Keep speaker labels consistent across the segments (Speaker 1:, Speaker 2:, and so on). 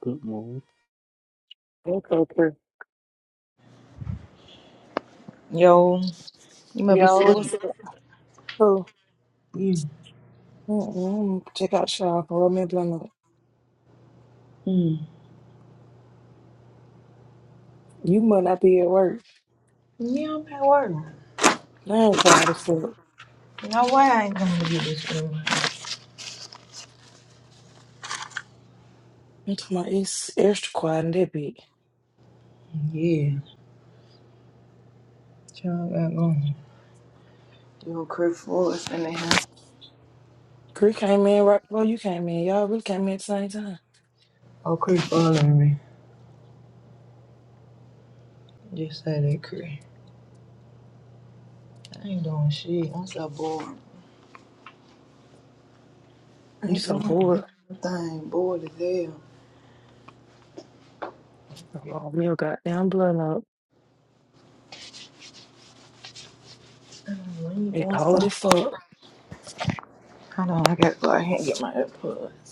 Speaker 1: Good morning.
Speaker 2: That's okay.
Speaker 3: Yo, you must be
Speaker 2: Yo,
Speaker 3: sleep.
Speaker 2: what's up? Oh, mm-mm. check out y'all. Roll me a blunt up.
Speaker 3: Mm,
Speaker 2: You must not be at work.
Speaker 3: Yeah, I'm at work.
Speaker 2: That ain't quiet as fuck.
Speaker 3: No way I ain't going to get this food.
Speaker 2: I'm talking about it's extra quiet in that bit.
Speaker 3: yeah. Y'all got going. Yo, Chris Forrest in the house.
Speaker 2: Cree came in right before you came in. Y'all really came in at the same time.
Speaker 3: Oh, Chris following me. Just say that, Chris. I ain't doing shit. I'm so bored. I
Speaker 2: You
Speaker 3: ain't
Speaker 2: so
Speaker 3: doing
Speaker 2: bored.
Speaker 3: nothing. Bored as hell.
Speaker 2: Roll me a goddamn blunt up.
Speaker 3: I don't know, I ain't
Speaker 2: It
Speaker 3: doing
Speaker 2: cold
Speaker 3: something.
Speaker 2: as fuck.
Speaker 3: Hold on, I gotta go ahead and get my AirPods.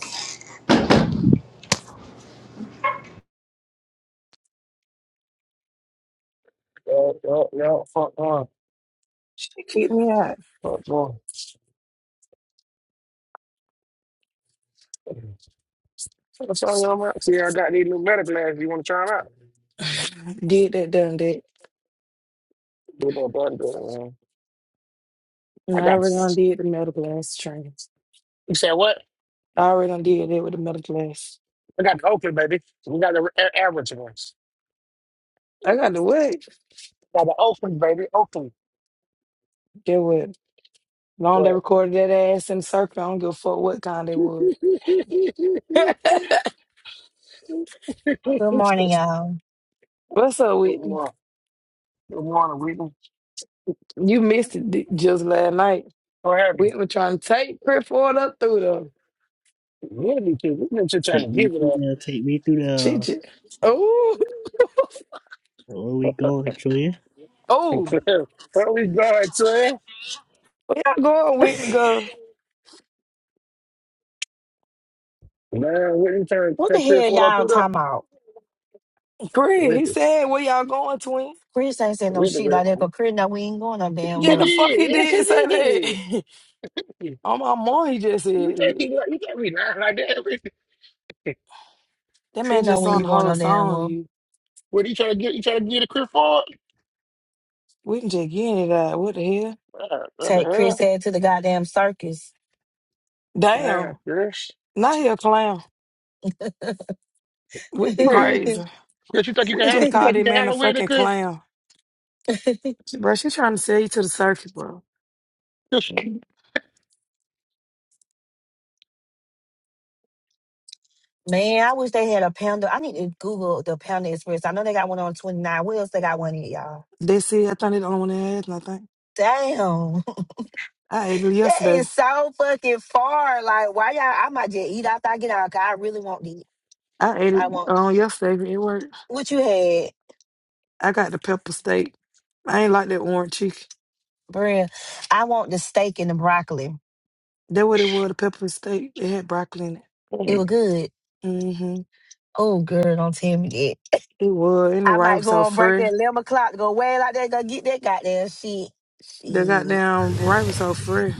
Speaker 4: Yo, yo, yo! Fuck on.
Speaker 2: She kicked me out.
Speaker 4: Fuck on. What's on your mind? See, I got these new better glasses. You want to try them out?
Speaker 2: did that, done that.
Speaker 4: Do the blood good, man.
Speaker 2: And
Speaker 4: I
Speaker 2: I
Speaker 4: got.
Speaker 2: already done did the metal glass training.
Speaker 4: You said what?
Speaker 2: I already done did that with the metal glass.
Speaker 4: I got the Oakland, baby. We got the a- average ones.
Speaker 2: I got the wait.
Speaker 4: Got the Oakland, baby. Oakland.
Speaker 2: Get what? Long they
Speaker 4: What?
Speaker 2: recorded that ass in the circle. I don't give a fuck what kind they was.
Speaker 5: Good morning, y'all.
Speaker 2: What's up,
Speaker 4: Good
Speaker 2: Whitney?
Speaker 4: morning. Good morning, Whitney.
Speaker 2: You missed it di- just last night.
Speaker 4: How have you?
Speaker 2: Whitney was trying to take Crip Ford up through the
Speaker 4: Really, me too. We've been just trying to
Speaker 1: Take me
Speaker 4: give it
Speaker 1: through
Speaker 4: up.
Speaker 1: there. Take me through there.
Speaker 2: shit. shit. Oh,
Speaker 1: Where we going, Julia?
Speaker 2: oh.
Speaker 4: Where we going, son?
Speaker 2: Where y'all going, Whitney? Go.
Speaker 4: Man, Whitney turned
Speaker 5: What the
Speaker 4: that Chris
Speaker 5: hell
Speaker 4: one up
Speaker 5: y'all
Speaker 4: through there.
Speaker 5: talking about?
Speaker 2: Crip, he
Speaker 4: Whitney.
Speaker 2: said, Where y'all going, twin?
Speaker 5: Chris ain't saying no
Speaker 4: Whitney
Speaker 5: shit like that,
Speaker 4: went,
Speaker 5: but Chris know we ain't going no damn
Speaker 2: Yeah,
Speaker 4: he
Speaker 2: the
Speaker 5: well.
Speaker 2: fuck
Speaker 4: did.
Speaker 2: he
Speaker 4: Yes, he
Speaker 2: did say
Speaker 4: did.
Speaker 2: that. On my mom, he just said
Speaker 4: You can't,
Speaker 2: it.
Speaker 4: be like- you can't be lying like that, Whitney.
Speaker 2: That
Speaker 5: Chris
Speaker 2: man
Speaker 5: know
Speaker 2: just
Speaker 5: we
Speaker 2: on
Speaker 5: ain't
Speaker 2: the
Speaker 5: going
Speaker 2: whole
Speaker 5: no damn
Speaker 2: song,
Speaker 5: well.
Speaker 2: you.
Speaker 4: What, you trying to get, you trying to get a Chris Ford?
Speaker 2: Whitney just getting it out. What the hell?
Speaker 4: Man, What the
Speaker 5: Take Chris
Speaker 4: hell?
Speaker 5: head to the goddamn circus.
Speaker 2: Damn.
Speaker 4: Man, Chris.
Speaker 2: Now he a clown.
Speaker 5: Man,
Speaker 2: Whitney
Speaker 4: Chris,
Speaker 2: crazy.
Speaker 4: Chris, you think you
Speaker 2: We
Speaker 4: can handle,
Speaker 2: just
Speaker 4: you
Speaker 2: called
Speaker 4: think you
Speaker 2: that
Speaker 4: can
Speaker 2: man a
Speaker 4: handle Whitney,
Speaker 2: fucking
Speaker 4: Chris?
Speaker 2: clown. She- Bro, she trying to sell you to the circuit, bro.
Speaker 4: Chris.
Speaker 5: I wish they had a Panda. I need to Google the Panda Express. I know they got one on 29. Where else they got one in, y'all?
Speaker 2: That's it. I think they the only one that has nothing.
Speaker 5: Damn.
Speaker 2: I ate it
Speaker 5: That
Speaker 2: yesterday.
Speaker 5: is so fucking far. Like, why y'all? I might just eat after I get out. 'cause I really want to eat.
Speaker 2: I ate it
Speaker 5: I want,
Speaker 2: on yesterday. It worked.
Speaker 5: what you had,
Speaker 2: I got the pepper steak. I ain't like that orange chicken.
Speaker 5: Bria? I want the steak and the broccoli.
Speaker 2: That what it was, the pepper steak. It had broccoli in it.
Speaker 5: It was good.
Speaker 2: Mm-hmm.
Speaker 5: Oh, girl, don't tell me that.
Speaker 2: It was. And the
Speaker 5: I
Speaker 2: rice
Speaker 5: might
Speaker 2: was
Speaker 5: go
Speaker 2: so
Speaker 5: on break
Speaker 2: fresh.
Speaker 5: at 11 o'clock, go way like that, go get that goddamn shit.
Speaker 2: The
Speaker 5: Shit.
Speaker 2: goddamn rice was so fresh.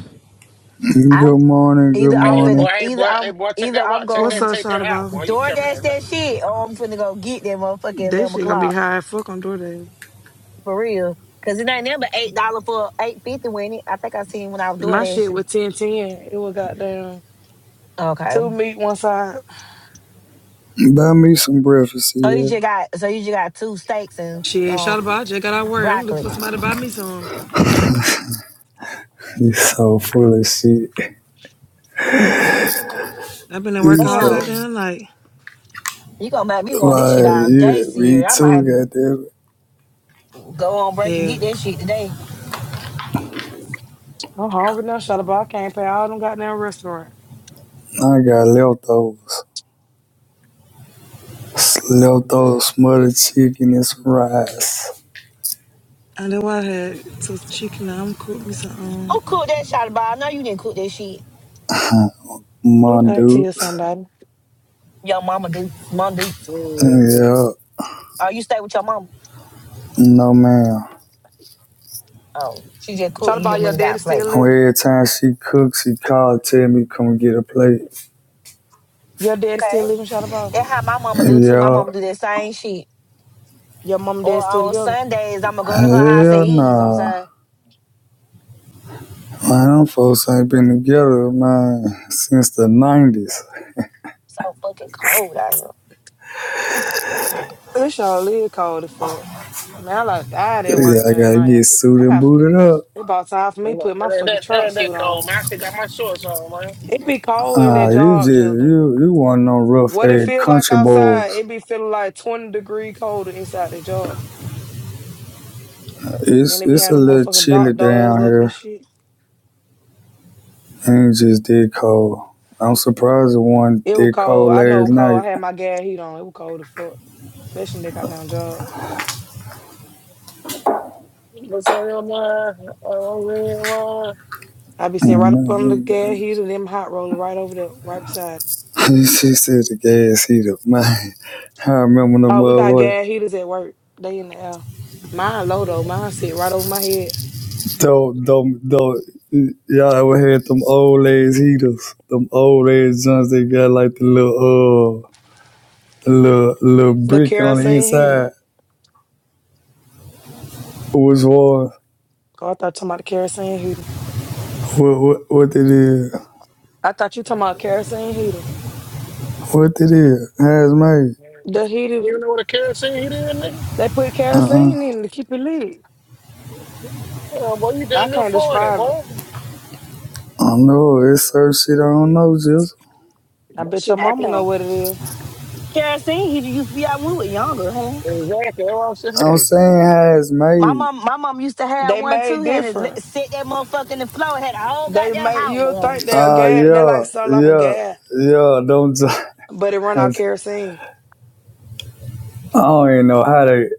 Speaker 5: I'm
Speaker 6: Good morning, good
Speaker 5: either I'm
Speaker 4: Hey,
Speaker 5: finna,
Speaker 6: morning.
Speaker 4: boy, hey,
Speaker 5: either
Speaker 4: boy, hey,
Speaker 5: I'm,
Speaker 4: boy, take
Speaker 5: either
Speaker 4: that
Speaker 5: I'm
Speaker 4: watch, take
Speaker 2: What's
Speaker 4: that,
Speaker 5: gonna
Speaker 2: up,
Speaker 4: take that
Speaker 2: shot
Speaker 4: out,
Speaker 2: about?
Speaker 4: boy. You
Speaker 5: door
Speaker 4: come
Speaker 5: dash
Speaker 4: in now.
Speaker 5: that shit or I'm finna go get that motherfucker at
Speaker 2: That
Speaker 5: 11
Speaker 2: shit gonna be
Speaker 5: o'clock.
Speaker 2: high as fuck on DoorDash.
Speaker 5: For real. Cause it ain't never $8 for 850 when it. I think I seen when I was door
Speaker 2: My shit
Speaker 5: dashing.
Speaker 2: was ten ten. It was goddamn
Speaker 5: Okay.
Speaker 2: two meat one side
Speaker 6: Buy me some breakfast,
Speaker 5: So you
Speaker 6: yeah.
Speaker 5: just got, so you just got two steaks and,
Speaker 2: Shit, shout
Speaker 5: um,
Speaker 2: about. I just got out of work. I'm looking
Speaker 5: broccoli.
Speaker 2: for somebody to buy me some.
Speaker 6: You so full of shit.
Speaker 2: I've been at work
Speaker 6: You
Speaker 2: all
Speaker 6: so
Speaker 5: Damn.
Speaker 2: goddamn night.
Speaker 5: You gonna make me want this shit
Speaker 6: why
Speaker 5: all day,
Speaker 6: you me
Speaker 5: Sierra. I might
Speaker 6: too,
Speaker 5: have to
Speaker 6: goddamn
Speaker 5: go on break and get
Speaker 2: Hell.
Speaker 5: that shit today.
Speaker 2: I'm hungry now, shout about. I can't pay all them goddamn restaurant.
Speaker 6: it. I got leftovers. S- Leftovers smothered chicken and some rice.
Speaker 2: And then I had some chicken. Now I'm cooking me some um,
Speaker 5: Don't cook that shot about. I know you didn't cook that shit.
Speaker 2: good
Speaker 6: Mon
Speaker 2: act to you,
Speaker 6: dudes.
Speaker 2: somebody.
Speaker 5: Your mama do, mom do.
Speaker 4: Oh, that-
Speaker 6: Yeah.
Speaker 5: Oh, you stay with your mama.
Speaker 6: No ma'am.
Speaker 5: Oh, she just cooked.
Speaker 2: Shout
Speaker 5: and You just
Speaker 2: about
Speaker 5: went
Speaker 2: your
Speaker 5: and got a
Speaker 2: daddy
Speaker 5: plate.
Speaker 2: still living.
Speaker 6: Every time she cooks, she call tell me come get a plate.
Speaker 2: Your daddy still
Speaker 5: Okay,
Speaker 2: living, shout about.
Speaker 5: that's how my mama do too. My
Speaker 6: Yeah.
Speaker 5: mama do that same shit.
Speaker 2: Your mom and
Speaker 5: Or
Speaker 2: dad still
Speaker 5: on
Speaker 2: together.
Speaker 5: Sundays, I'ma go to her house and
Speaker 6: Hell
Speaker 5: eat. You know what I'm
Speaker 6: nah.
Speaker 5: saying?
Speaker 6: Man, them folks ain't been together, man, since the
Speaker 4: that-
Speaker 6: 90s.
Speaker 5: So fucking cold out here.
Speaker 2: It's all live cold as fuck. Man, I like died at
Speaker 6: Yeah,
Speaker 2: work
Speaker 6: I
Speaker 2: last
Speaker 6: gotta
Speaker 2: night.
Speaker 6: get
Speaker 2: I
Speaker 6: suited and
Speaker 2: got,
Speaker 6: booted up.
Speaker 2: it about time for me to
Speaker 4: And that,
Speaker 2: put my fucking
Speaker 4: that, that,
Speaker 2: truck
Speaker 4: and that
Speaker 2: suit
Speaker 4: cold,
Speaker 2: on.
Speaker 4: man. I still got my shorts on, man.
Speaker 2: It be cold in
Speaker 6: Ah,
Speaker 2: that
Speaker 6: you just
Speaker 2: job, Jizzle.
Speaker 6: you you want no rough
Speaker 2: What it
Speaker 6: ass
Speaker 2: feel like
Speaker 6: country
Speaker 2: outside,
Speaker 6: boys.
Speaker 2: it be feeling like 20 degree colder inside the job. Then
Speaker 6: It's
Speaker 2: they be
Speaker 6: it's a
Speaker 2: having them
Speaker 6: little
Speaker 2: motherfucking
Speaker 6: chilly
Speaker 2: dock
Speaker 6: down
Speaker 2: doors up and
Speaker 6: here.
Speaker 2: shit.
Speaker 6: Ain't just dead cold. I'm surprised it wasn't
Speaker 2: It was
Speaker 6: dead
Speaker 2: cold.
Speaker 6: cold
Speaker 2: I know it
Speaker 6: last
Speaker 2: was cold.
Speaker 6: night.
Speaker 2: I had my gas heat on. It was cold as fuck. Especially in that goddamn job.
Speaker 4: What's on your mind? Oh, man,
Speaker 2: I be sitting right
Speaker 6: And,
Speaker 2: up
Speaker 6: uh,
Speaker 2: on the gas heater, them hot roller right over there, right beside.
Speaker 6: said the gas heater. Man, I remember them
Speaker 2: Oh, we got
Speaker 6: motherfuckers.
Speaker 2: gas heaters at work. They in the air. Mine low though. Mine sit right over my head.
Speaker 6: Don't don't don't. Y'all ever had them old ass heaters? Them old ass joints they got like the little uh, little little
Speaker 2: The
Speaker 6: brick on the
Speaker 2: kerosene heater.
Speaker 6: inside. Which was war.
Speaker 2: Oh, I thought you talking about the kerosene heater.
Speaker 6: what what what it is?
Speaker 2: I thought you talking about kerosene heater.
Speaker 6: What it is? Hazmate?
Speaker 4: man.
Speaker 2: The
Speaker 4: You
Speaker 2: heater,
Speaker 4: even know what a kerosene heat is, nigga?
Speaker 2: they put
Speaker 6: Uh uh.
Speaker 2: kerosene in to keep it lit.
Speaker 4: Come on, boy. You
Speaker 2: I
Speaker 4: damn near
Speaker 2: can't
Speaker 4: 40,
Speaker 2: describe it.
Speaker 4: boy.
Speaker 6: I don't know. It's certain shit I don't know. Just
Speaker 2: I
Speaker 4: That
Speaker 2: bet your
Speaker 4: shit back
Speaker 2: mama
Speaker 4: in.
Speaker 2: know
Speaker 5: Damn.
Speaker 2: what it is.
Speaker 5: Kerosene heater used to be out when we were younger, hey.
Speaker 4: Exactly. That's what I'm
Speaker 6: I'm
Speaker 4: saying.
Speaker 6: saying
Speaker 5: My
Speaker 6: hazmate.
Speaker 5: mom, my mom used to have
Speaker 2: They
Speaker 5: one too,
Speaker 2: made
Speaker 5: and it let-
Speaker 2: different.
Speaker 5: set that motherfucker in the floor. Had a whole
Speaker 2: They
Speaker 5: goddamn
Speaker 2: made
Speaker 5: house
Speaker 2: you'll
Speaker 5: warm.
Speaker 2: think they're
Speaker 6: Ah uh,
Speaker 2: gas. They like
Speaker 6: yeah
Speaker 2: sound like a
Speaker 6: yeah
Speaker 2: gas,
Speaker 6: yeah. Don't.
Speaker 2: but it run
Speaker 6: I I
Speaker 2: out kerosene.
Speaker 6: don't even know how they.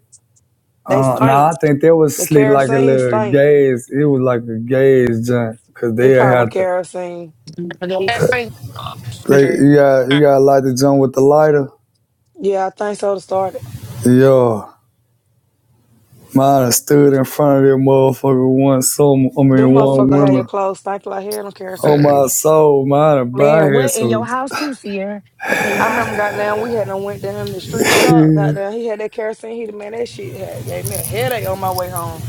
Speaker 2: They
Speaker 6: Uh, now
Speaker 2: stink.
Speaker 6: I think that was
Speaker 2: The
Speaker 6: sleep like a
Speaker 2: kerosene
Speaker 6: little
Speaker 2: stink.
Speaker 6: gaze. It was like a gaze jump because they
Speaker 2: It probably was
Speaker 6: had to.
Speaker 2: kerosene.
Speaker 4: And the last thing. Oh,
Speaker 6: They
Speaker 4: appreciate
Speaker 6: you got you got to light the jump with the lighter.
Speaker 2: Yeah, I think so to start it.
Speaker 6: Yeah. Mine stood in front of that motherfucker one summer. I
Speaker 2: Them
Speaker 6: mean one
Speaker 2: motherfucker had your
Speaker 6: winter.
Speaker 2: clothes stink like hell on
Speaker 6: Oh
Speaker 2: kerosene
Speaker 6: my
Speaker 2: heater.
Speaker 4: it.
Speaker 6: soul, mine, bro. I
Speaker 5: Man,
Speaker 6: had
Speaker 5: what in your
Speaker 6: some.
Speaker 5: house too, Sierra? In your
Speaker 2: I
Speaker 5: house,
Speaker 2: remember goddamn we had done went down in the street shop.
Speaker 6: I
Speaker 2: Goddamn, he had that kerosene heater, man. That shit had gave me a headache on my way home.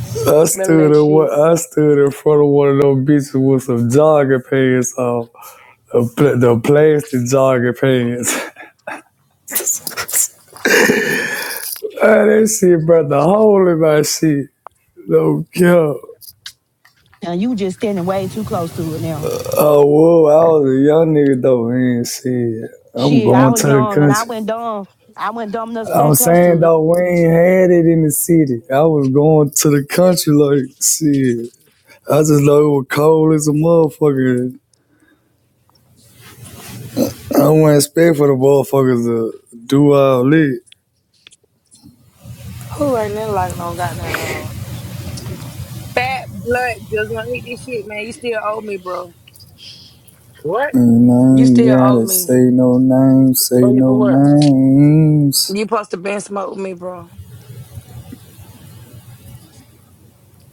Speaker 2: Smell
Speaker 6: stood
Speaker 2: that
Speaker 6: in one,
Speaker 2: shit.
Speaker 6: I stood in front of one of those bitches with some jogging pants on, the, pl- the plastic jogging pants. Man, that shit brought the hole in my shit. No cap.
Speaker 5: and you just standing way too close to it now.
Speaker 6: Oh whoa, I was a young nigga though, and shit. I'm
Speaker 5: Shit, I
Speaker 6: going
Speaker 5: was
Speaker 6: to the
Speaker 5: young and I
Speaker 6: country.
Speaker 5: went dumb. I went dumb enough to
Speaker 6: I'm
Speaker 5: stand close
Speaker 6: saying
Speaker 5: to it.
Speaker 6: though, we ain't had it in the city. I was going to the country like shit. I just know it was cold as a motherfucker I wouldn't expect for the motherfuckers to do all that.
Speaker 2: Who ain't that like no goddamn on? Fat blood, just wanna eat this shit, man. You still owe me, bro.
Speaker 4: What?
Speaker 6: And I
Speaker 2: You
Speaker 6: ain't
Speaker 2: still owe
Speaker 6: gotta
Speaker 2: me.
Speaker 6: say no names, say
Speaker 4: Oh, you for
Speaker 6: no
Speaker 4: what?
Speaker 6: names.
Speaker 2: You supposed to been smoke with me, bro.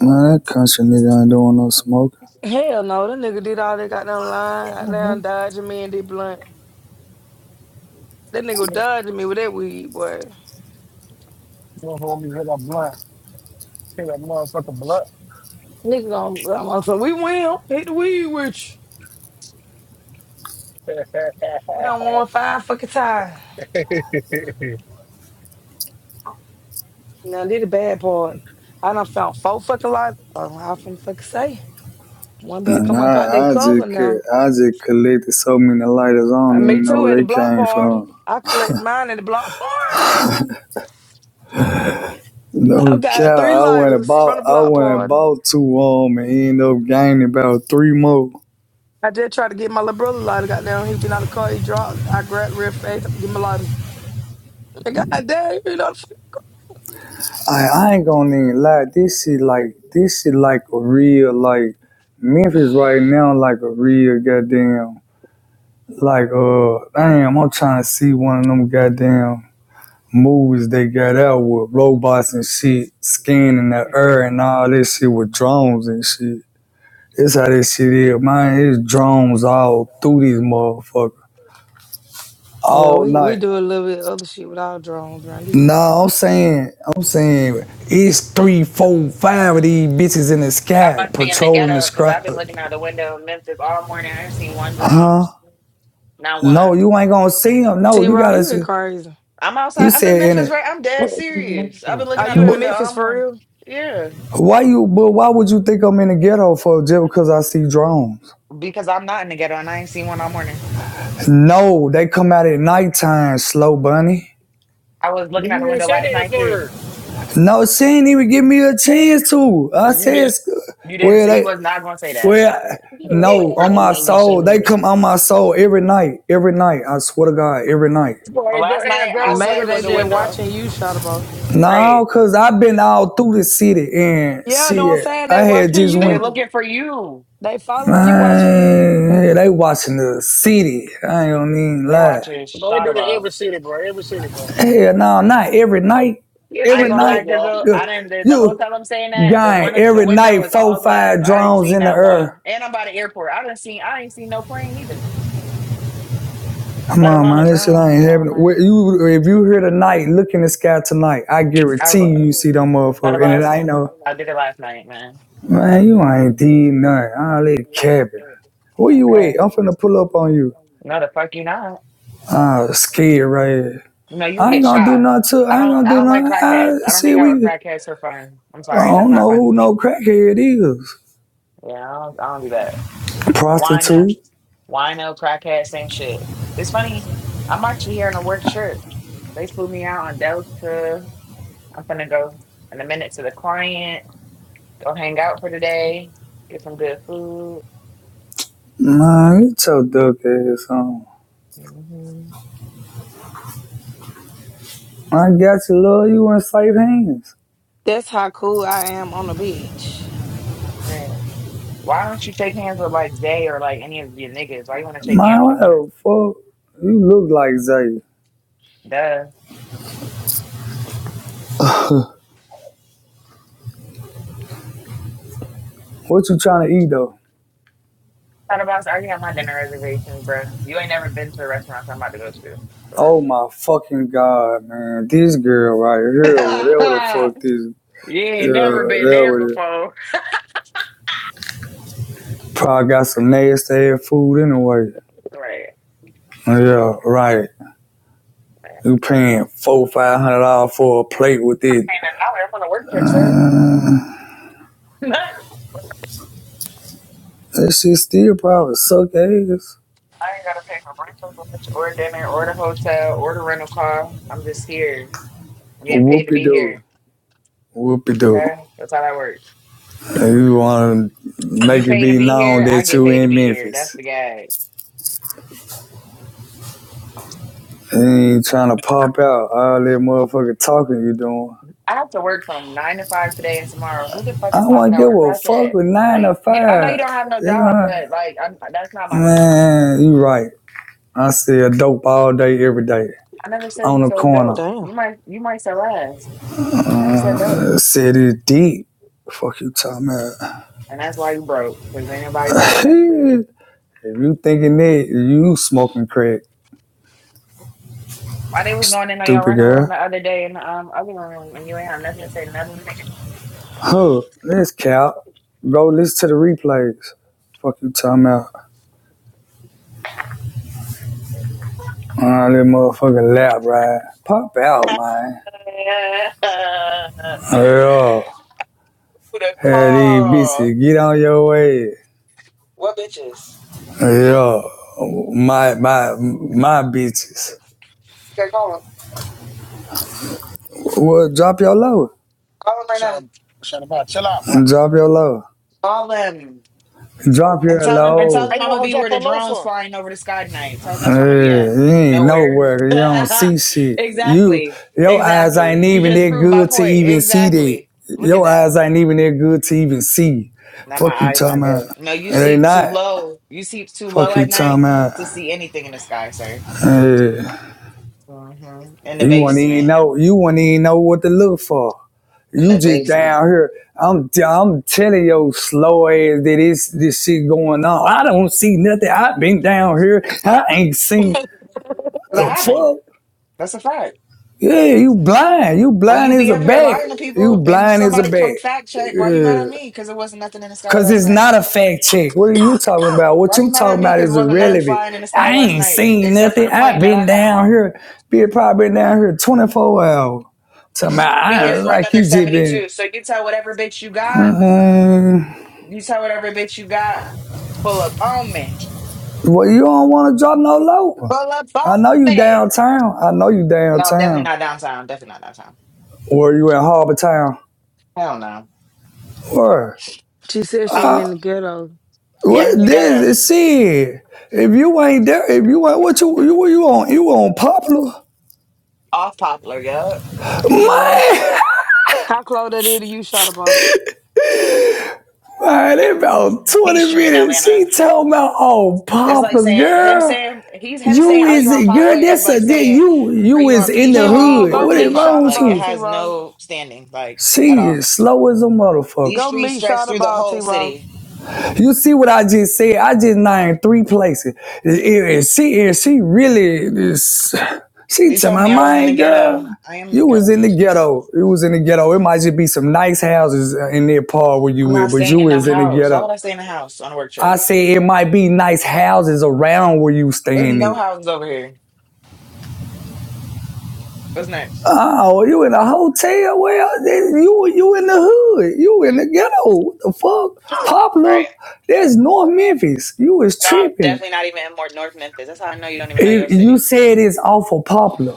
Speaker 6: Nah, that country nigga ain't doing no smoking.
Speaker 2: Hell no, that nigga did all that goddamn line, goddamn
Speaker 5: Mhm.
Speaker 2: dodging me and did blunt. That nigga was dodging me with that weed, boy.
Speaker 4: Don't hold me hit a blunt. Hit that motherfucker blunt.
Speaker 2: Nigga gon' I'm on some we will hit the weed with you. We don't want five fucking time. Now did the bad part. I done found four fucking lights. Oh, I finna fucking say. One better
Speaker 6: And
Speaker 2: come up out their
Speaker 6: I, I
Speaker 2: cover
Speaker 6: just
Speaker 2: now.
Speaker 6: I just collected so many lighters. I don't
Speaker 2: And me
Speaker 6: even know
Speaker 2: too at
Speaker 6: where
Speaker 2: the
Speaker 6: they
Speaker 2: block
Speaker 6: came
Speaker 2: party.
Speaker 6: from.
Speaker 2: I collect mine at the block party. I
Speaker 6: No
Speaker 2: got three
Speaker 6: cow, I went and
Speaker 2: lighters from
Speaker 6: bought
Speaker 2: the
Speaker 6: I
Speaker 2: block
Speaker 6: went and
Speaker 2: party.
Speaker 6: bought two of them, and ended up gaining about three more.
Speaker 2: I just tried to get my little brother a lighter. Got down. He was getting out of the car. He dropped. I grabbed real fast. Give him a lighter. And God damn, you know.
Speaker 6: I, I ain't gonna even lie. This is like this is like a real like Memphis right now, like a real goddamn like uh damn. I'm trying to see one of them goddamn movies they got out with robots and shit scanning the air and all this shit with drones and shit. That's how this shit is, man. It's drones all through these motherfuckers
Speaker 2: Yeah,
Speaker 6: all
Speaker 2: we,
Speaker 6: night.
Speaker 2: we do a little bit of other shit with our drones around these
Speaker 6: No, I'm
Speaker 2: motherfuckers.
Speaker 6: saying, I'm saying it's three, four, five of these bitches in the
Speaker 7: I
Speaker 6: sky
Speaker 7: must be in the
Speaker 6: patrolling the
Speaker 7: ghetto because I've
Speaker 6: sky.
Speaker 7: been looking out the window in Memphis all morning. I ain't seen one drum, not one.
Speaker 6: No, you ain't gonna see them. No,
Speaker 2: T.
Speaker 6: you
Speaker 2: Raw,
Speaker 6: gotta.
Speaker 2: you ain't
Speaker 6: see-
Speaker 2: crazy.
Speaker 7: I'm outside.
Speaker 6: You
Speaker 7: I'm in
Speaker 6: said in
Speaker 7: Memphis,
Speaker 6: it,
Speaker 7: right? I'm dead serious. I've been looking
Speaker 2: Are
Speaker 7: out the
Speaker 2: you
Speaker 6: but
Speaker 2: in
Speaker 7: window
Speaker 2: Memphis
Speaker 7: all
Speaker 2: for
Speaker 7: morning.
Speaker 2: real?
Speaker 7: Yeah,
Speaker 6: why you? But why would you think I'm in the ghetto for just because I see drones?
Speaker 7: because I'm not in the ghetto and I ain't seen one all morning.
Speaker 6: No, they come out at nighttime, slow bunny.
Speaker 7: I was
Speaker 4: but
Speaker 7: looking
Speaker 4: you
Speaker 7: out the
Speaker 4: didn't
Speaker 7: window
Speaker 4: say
Speaker 7: last
Speaker 4: that at
Speaker 7: night too.
Speaker 4: first.
Speaker 6: No, she ain't even give me a chance to. I
Speaker 4: Well, You
Speaker 6: said,
Speaker 4: didn't.
Speaker 7: You didn't
Speaker 6: well,
Speaker 7: say you
Speaker 6: they,
Speaker 7: was not gonna say that.
Speaker 6: well,
Speaker 7: Stop it.
Speaker 4: Yeah, hell
Speaker 6: no,
Speaker 4: no,
Speaker 6: on my
Speaker 4: you ain't gonna say
Speaker 6: soul, they
Speaker 4: that.
Speaker 6: come on my soul every night, every night. I swear to God, every night.
Speaker 4: Boy,
Speaker 7: But
Speaker 4: they go,
Speaker 7: last
Speaker 4: they
Speaker 7: night
Speaker 4: have
Speaker 7: I
Speaker 4: drones in
Speaker 2: Maybe
Speaker 7: slept
Speaker 4: every
Speaker 7: with
Speaker 2: they
Speaker 7: the
Speaker 4: city,
Speaker 2: just
Speaker 4: bro.
Speaker 7: window.
Speaker 2: watching you shot about.
Speaker 7: Right?
Speaker 6: No, cause I've been all through the city and
Speaker 2: Yeah, know what I'm
Speaker 6: shit.
Speaker 2: saying?
Speaker 6: I
Speaker 2: They
Speaker 6: had
Speaker 2: watching
Speaker 6: just
Speaker 7: They
Speaker 6: went,
Speaker 2: you.
Speaker 7: looking for you.
Speaker 2: They following you, watching you.
Speaker 6: man. hey, They watching the city. I ain't gonna even
Speaker 7: They
Speaker 6: lie.
Speaker 7: watching
Speaker 4: Bro, they do it
Speaker 7: shot
Speaker 4: every city, bro. Every city, bro.
Speaker 6: Hell, no, not every night.
Speaker 4: Yes,
Speaker 7: I ain't
Speaker 6: Every
Speaker 4: they
Speaker 7: gonna
Speaker 4: do,
Speaker 7: lie,
Speaker 6: night,
Speaker 4: bro.
Speaker 7: Dizzle. I
Speaker 6: you,
Speaker 7: didn't the, the whole
Speaker 6: you
Speaker 7: time I'm saying that the
Speaker 6: gang
Speaker 7: one the
Speaker 6: every
Speaker 7: window
Speaker 6: night
Speaker 7: is all
Speaker 6: four
Speaker 7: glass.
Speaker 6: five
Speaker 7: I ain't
Speaker 6: drones
Speaker 7: seen
Speaker 6: in the
Speaker 7: that
Speaker 6: air.
Speaker 7: one. And I'm by the airport. I didn't see I ain't seen no plane either.
Speaker 6: Come
Speaker 7: Let
Speaker 6: on,
Speaker 7: alone a
Speaker 6: man, this shit
Speaker 7: drone.
Speaker 6: ain't
Speaker 7: Come on,
Speaker 6: happening.
Speaker 7: man.
Speaker 6: You, if you here tonight, look in the sky tonight. I
Speaker 7: I
Speaker 6: guarantee you, you see them
Speaker 7: thought
Speaker 6: motherfuckers. And
Speaker 7: about
Speaker 6: it ain't no
Speaker 7: I did it last night, man.
Speaker 6: man. You ain't did nothing. All that capping. Where you
Speaker 7: Okay.
Speaker 6: at? I'm finna pull up on you.
Speaker 7: No the fuck you not.
Speaker 6: I scared right.
Speaker 7: No, you'll
Speaker 6: I ain't
Speaker 7: get
Speaker 6: gonna do
Speaker 7: shot.
Speaker 6: nothing to.
Speaker 7: I
Speaker 6: I ain't
Speaker 7: don't
Speaker 6: gonna
Speaker 7: I
Speaker 6: do
Speaker 7: don't like
Speaker 6: nothing.
Speaker 7: crackheads.
Speaker 6: I
Speaker 7: I don't
Speaker 6: see
Speaker 7: hang out with
Speaker 6: we.
Speaker 7: crackheads for fun. I'm
Speaker 6: I
Speaker 7: sorry, that's
Speaker 6: don't
Speaker 7: not
Speaker 6: know
Speaker 7: fun
Speaker 6: who
Speaker 7: for
Speaker 6: no
Speaker 7: me.
Speaker 6: crackhead is.
Speaker 7: Yeah, I don't I don't do that. Wino,
Speaker 6: Prostitute.
Speaker 7: wino, crackhead, same shit. It's funny. I'm actually here on a work trip. They flew me out on Delta. I'm gonna go in a minute to the client. Go hang out for the day. Get some good food.
Speaker 6: Man, you so duck ass on.
Speaker 7: hmm
Speaker 6: I got you, love. You in safe hands.
Speaker 2: That's how cool I am on the beach.
Speaker 7: Man, why don't you shake hands with like Zay or like any of your niggas? Why you want to shake hands
Speaker 6: Man,
Speaker 7: with a
Speaker 6: what
Speaker 7: woman?
Speaker 6: the fuck? You look like Zay.
Speaker 7: Duh.
Speaker 6: What you trying to eat though?
Speaker 7: Thought about. I already have my dinner reservations, bruh. You ain't never been to a restaurant I'm about to go to. For...
Speaker 6: Oh my fucking god, man! This girl right here, whatever
Speaker 7: real.
Speaker 6: the fuck this,
Speaker 7: you
Speaker 6: yeah,
Speaker 7: ain't never been
Speaker 6: that
Speaker 7: there
Speaker 6: what it.
Speaker 7: before,
Speaker 6: Probably got some nasty ass food anyway.
Speaker 7: right?
Speaker 6: Yeah, right. You paying four, five hundred dollars for a plate with it.
Speaker 7: paying a dollar. I'm gonna work here, sir.
Speaker 6: That shit still probably suck ass.
Speaker 7: I ain't gotta pay for breakfast or lunch or dinner or the hotel or the rental car. I'm just here. I'm getting paid to
Speaker 6: Whoopie
Speaker 7: be
Speaker 6: doo.
Speaker 7: here.
Speaker 6: Whoopie doo.
Speaker 7: Okay? That's how that works.
Speaker 6: You wanna
Speaker 7: You
Speaker 6: make it
Speaker 7: pay to
Speaker 6: be
Speaker 7: be
Speaker 6: known
Speaker 7: here, I
Speaker 6: that
Speaker 7: get
Speaker 6: you
Speaker 7: paid to
Speaker 6: in
Speaker 7: be here. That's
Speaker 6: Memphis.
Speaker 7: the guy.
Speaker 6: You ain't trying to pop out all that motherfucking talking you doing.
Speaker 7: I have to work from nine to five today and tomorrow. Who the fuck
Speaker 6: I
Speaker 7: is
Speaker 6: don't
Speaker 7: popping
Speaker 6: wanna
Speaker 7: out
Speaker 6: give
Speaker 7: with a
Speaker 6: a
Speaker 7: crack
Speaker 6: fuck
Speaker 7: at?
Speaker 6: with nine to
Speaker 7: Like, you, I know you
Speaker 6: five.
Speaker 7: don't have no job,
Speaker 6: Yeah.
Speaker 7: but like, I'm, that's not my business.
Speaker 6: Man, you right. I sell dope all day, every day.
Speaker 7: I never said you
Speaker 6: On the
Speaker 7: so
Speaker 6: corner.
Speaker 7: dope.
Speaker 2: Damn.
Speaker 7: You might, you might sell ass. I never said dope,
Speaker 6: Uh, said it deep. Fuck you talking about.
Speaker 7: and that's why you broke because ain't nobody buying that shit.
Speaker 6: If you thinking that, you smoking crack,
Speaker 7: Why they was going in on your
Speaker 6: stupid
Speaker 7: rental room
Speaker 6: girl.
Speaker 7: the other day in the um, other room and you ain't have nothing to say to nothing?
Speaker 6: Huh, this cap. Go listen to the replays. Fuck you talking about. All that motherfucking lap ride. Pop out, man. Yeah.
Speaker 7: Who the
Speaker 6: Hell, these
Speaker 7: call?
Speaker 6: bitches, get on your way.
Speaker 7: What bitches?
Speaker 6: Yeah. My, my, my bitches.
Speaker 7: Okay, call them.
Speaker 6: Well, drop your load.
Speaker 7: Call them right
Speaker 4: Shut
Speaker 7: now.
Speaker 4: up. Shut up. bro. Chill out, bro.
Speaker 6: Drop your load.
Speaker 7: Call them
Speaker 6: Drop
Speaker 7: and
Speaker 6: your
Speaker 7: tell them and tell
Speaker 6: load.
Speaker 4: How
Speaker 7: them
Speaker 4: you
Speaker 7: I'm gonna
Speaker 4: want her to
Speaker 7: be where
Speaker 4: drop her
Speaker 7: the
Speaker 4: low
Speaker 7: drones
Speaker 4: for?
Speaker 7: flying over the sky tonight. Tell them that's where I'm gonna be at.
Speaker 6: Hey, you ain't
Speaker 7: Nowhere.
Speaker 6: nowhere. You don't see shit. You,
Speaker 7: exactly.
Speaker 6: your eyes
Speaker 7: Exactly.
Speaker 6: ain't
Speaker 7: You
Speaker 6: even
Speaker 7: just
Speaker 6: that
Speaker 7: proved my
Speaker 6: good to
Speaker 7: point.
Speaker 6: even see that.
Speaker 7: Exactly. Look at
Speaker 6: Your
Speaker 7: that.
Speaker 6: eyes ain't even that good to even see.
Speaker 7: Now my
Speaker 6: Fuck you
Speaker 7: eyes
Speaker 6: talking
Speaker 7: not
Speaker 6: about.
Speaker 7: good. No, you
Speaker 6: It ain't
Speaker 7: sleep too
Speaker 6: not.
Speaker 7: low. You sleep too low
Speaker 6: Fuck you
Speaker 7: at
Speaker 6: talking
Speaker 7: night to
Speaker 6: about.
Speaker 7: see anything in the sky, sir.
Speaker 6: Yeah.
Speaker 7: hmm In the
Speaker 6: You wouldn't even
Speaker 7: basement.
Speaker 6: know. You wouldn't even know what to look for.
Speaker 7: In
Speaker 6: You
Speaker 7: the
Speaker 6: just
Speaker 7: basement.
Speaker 6: down here. I'm I'm telling your slow ass that it's this shit going on. I don't see nothing. i been down here. I ain't seen
Speaker 7: 'Cause I
Speaker 6: the
Speaker 7: haven't.
Speaker 6: fuck.
Speaker 7: That's a fact.
Speaker 6: Yeah, you blind. You
Speaker 7: When
Speaker 6: blind
Speaker 7: you
Speaker 6: as
Speaker 7: be
Speaker 6: a
Speaker 7: up here
Speaker 6: bat.
Speaker 7: lying to
Speaker 6: You
Speaker 7: people and
Speaker 6: blind as a
Speaker 7: somebody
Speaker 6: bat.
Speaker 7: come fact check, why you mad
Speaker 6: Yeah.
Speaker 7: at me? Because it wasn't nothing in the sky
Speaker 6: Cause
Speaker 7: last
Speaker 6: it's not
Speaker 7: night.
Speaker 6: a fact check. What are you talking about? What
Speaker 7: Why you
Speaker 6: you
Speaker 7: mad at
Speaker 6: talking
Speaker 7: me?
Speaker 6: about
Speaker 7: Because
Speaker 6: is
Speaker 7: wasn't nothing
Speaker 6: irrelevant.
Speaker 7: flying in the sky
Speaker 6: I
Speaker 7: last
Speaker 6: ain't
Speaker 7: night
Speaker 6: seen
Speaker 7: except for
Speaker 6: nothing.
Speaker 7: the
Speaker 6: I've
Speaker 7: plane that I
Speaker 6: been
Speaker 7: got
Speaker 6: down
Speaker 7: on.
Speaker 6: here. Been probably been down here 24 hours. Talking about
Speaker 7: Be
Speaker 6: I
Speaker 7: here for
Speaker 6: like
Speaker 7: another
Speaker 6: you just been
Speaker 7: 72. So you tell whatever bitch you got,
Speaker 6: uh,
Speaker 7: you tell whatever bitch you got, pull up on me.
Speaker 6: Well, you don't wanna drop no low.
Speaker 7: Pull up
Speaker 6: I
Speaker 7: on
Speaker 6: know you
Speaker 7: me.
Speaker 6: downtown. I know you
Speaker 7: No, I'm definitely
Speaker 6: downtown.
Speaker 7: not downtown. Definitely not downtown.
Speaker 6: Or you in Harbor Town.
Speaker 7: Hell no.
Speaker 6: Where?
Speaker 2: She said she
Speaker 7: Um,
Speaker 2: ain't in the ghetto.
Speaker 7: yeah,
Speaker 6: What
Speaker 7: I'm gonna get a
Speaker 6: this See, If you ain't there, if you ain't what you you you on you on popular
Speaker 7: off Poplar. Yup. hmm
Speaker 6: man.
Speaker 2: How close that is to you, shot
Speaker 6: Man, in about twenty
Speaker 7: Peachtree in
Speaker 6: minutes, she
Speaker 7: Atlanta.
Speaker 6: told me, "Oh,
Speaker 7: It's like
Speaker 6: popular
Speaker 7: saying him
Speaker 6: girl,
Speaker 7: saying he's him
Speaker 6: you
Speaker 7: saying, "Are you
Speaker 6: is
Speaker 7: on Poplar?"
Speaker 6: girl.
Speaker 7: is
Speaker 6: That's
Speaker 7: like
Speaker 6: a
Speaker 7: saying,
Speaker 6: you
Speaker 7: "Are
Speaker 6: you
Speaker 7: you
Speaker 6: is
Speaker 7: on
Speaker 6: in
Speaker 2: T
Speaker 6: the
Speaker 2: Row,
Speaker 7: Peachtree
Speaker 6: hood.
Speaker 2: go
Speaker 7: or
Speaker 6: What is
Speaker 2: meet
Speaker 7: Piedmont?"
Speaker 6: wrong
Speaker 2: Shada
Speaker 6: with
Speaker 7: Like it
Speaker 2: Boss,
Speaker 6: you?
Speaker 2: T
Speaker 7: has
Speaker 2: Row.
Speaker 7: no standing, like at
Speaker 6: She is
Speaker 7: all.
Speaker 6: slow as a motherfucker.
Speaker 7: These
Speaker 2: Go
Speaker 7: streets
Speaker 2: meet
Speaker 7: stretch
Speaker 2: Shada
Speaker 7: through the
Speaker 2: Boss,
Speaker 7: whole
Speaker 2: T Row.
Speaker 7: city.
Speaker 6: You see what I just said? I just named three places. If she, if she really, is, she
Speaker 7: They
Speaker 6: tell
Speaker 7: told
Speaker 6: my
Speaker 7: me I was in the
Speaker 6: mind,
Speaker 7: ghetto.
Speaker 6: girl,
Speaker 7: I am in the
Speaker 6: you was
Speaker 7: ghetto.
Speaker 6: in the ghetto. You was in the ghetto. It might just be some nice houses in that part where you
Speaker 7: I'm
Speaker 6: live,
Speaker 7: not
Speaker 6: but
Speaker 7: staying
Speaker 6: you
Speaker 7: in no
Speaker 6: was in the
Speaker 7: house. Why would
Speaker 6: ghetto.
Speaker 7: I stay in a house on a work trip?
Speaker 6: I say it might be nice houses around where you
Speaker 7: There's
Speaker 6: staying
Speaker 7: no
Speaker 6: at.
Speaker 7: houses over here. What's next?
Speaker 6: Oh, you in a hotel? Well, you you in the hood. You in the ghetto. What the fuck?
Speaker 7: All
Speaker 6: Poplar,
Speaker 7: right.
Speaker 6: that's North Memphis. You was
Speaker 7: No, I'm
Speaker 6: tripping.
Speaker 7: definitely not even in more North Memphis. That's how I know you don't even know your
Speaker 6: If you
Speaker 7: city.
Speaker 6: said it's awful popular.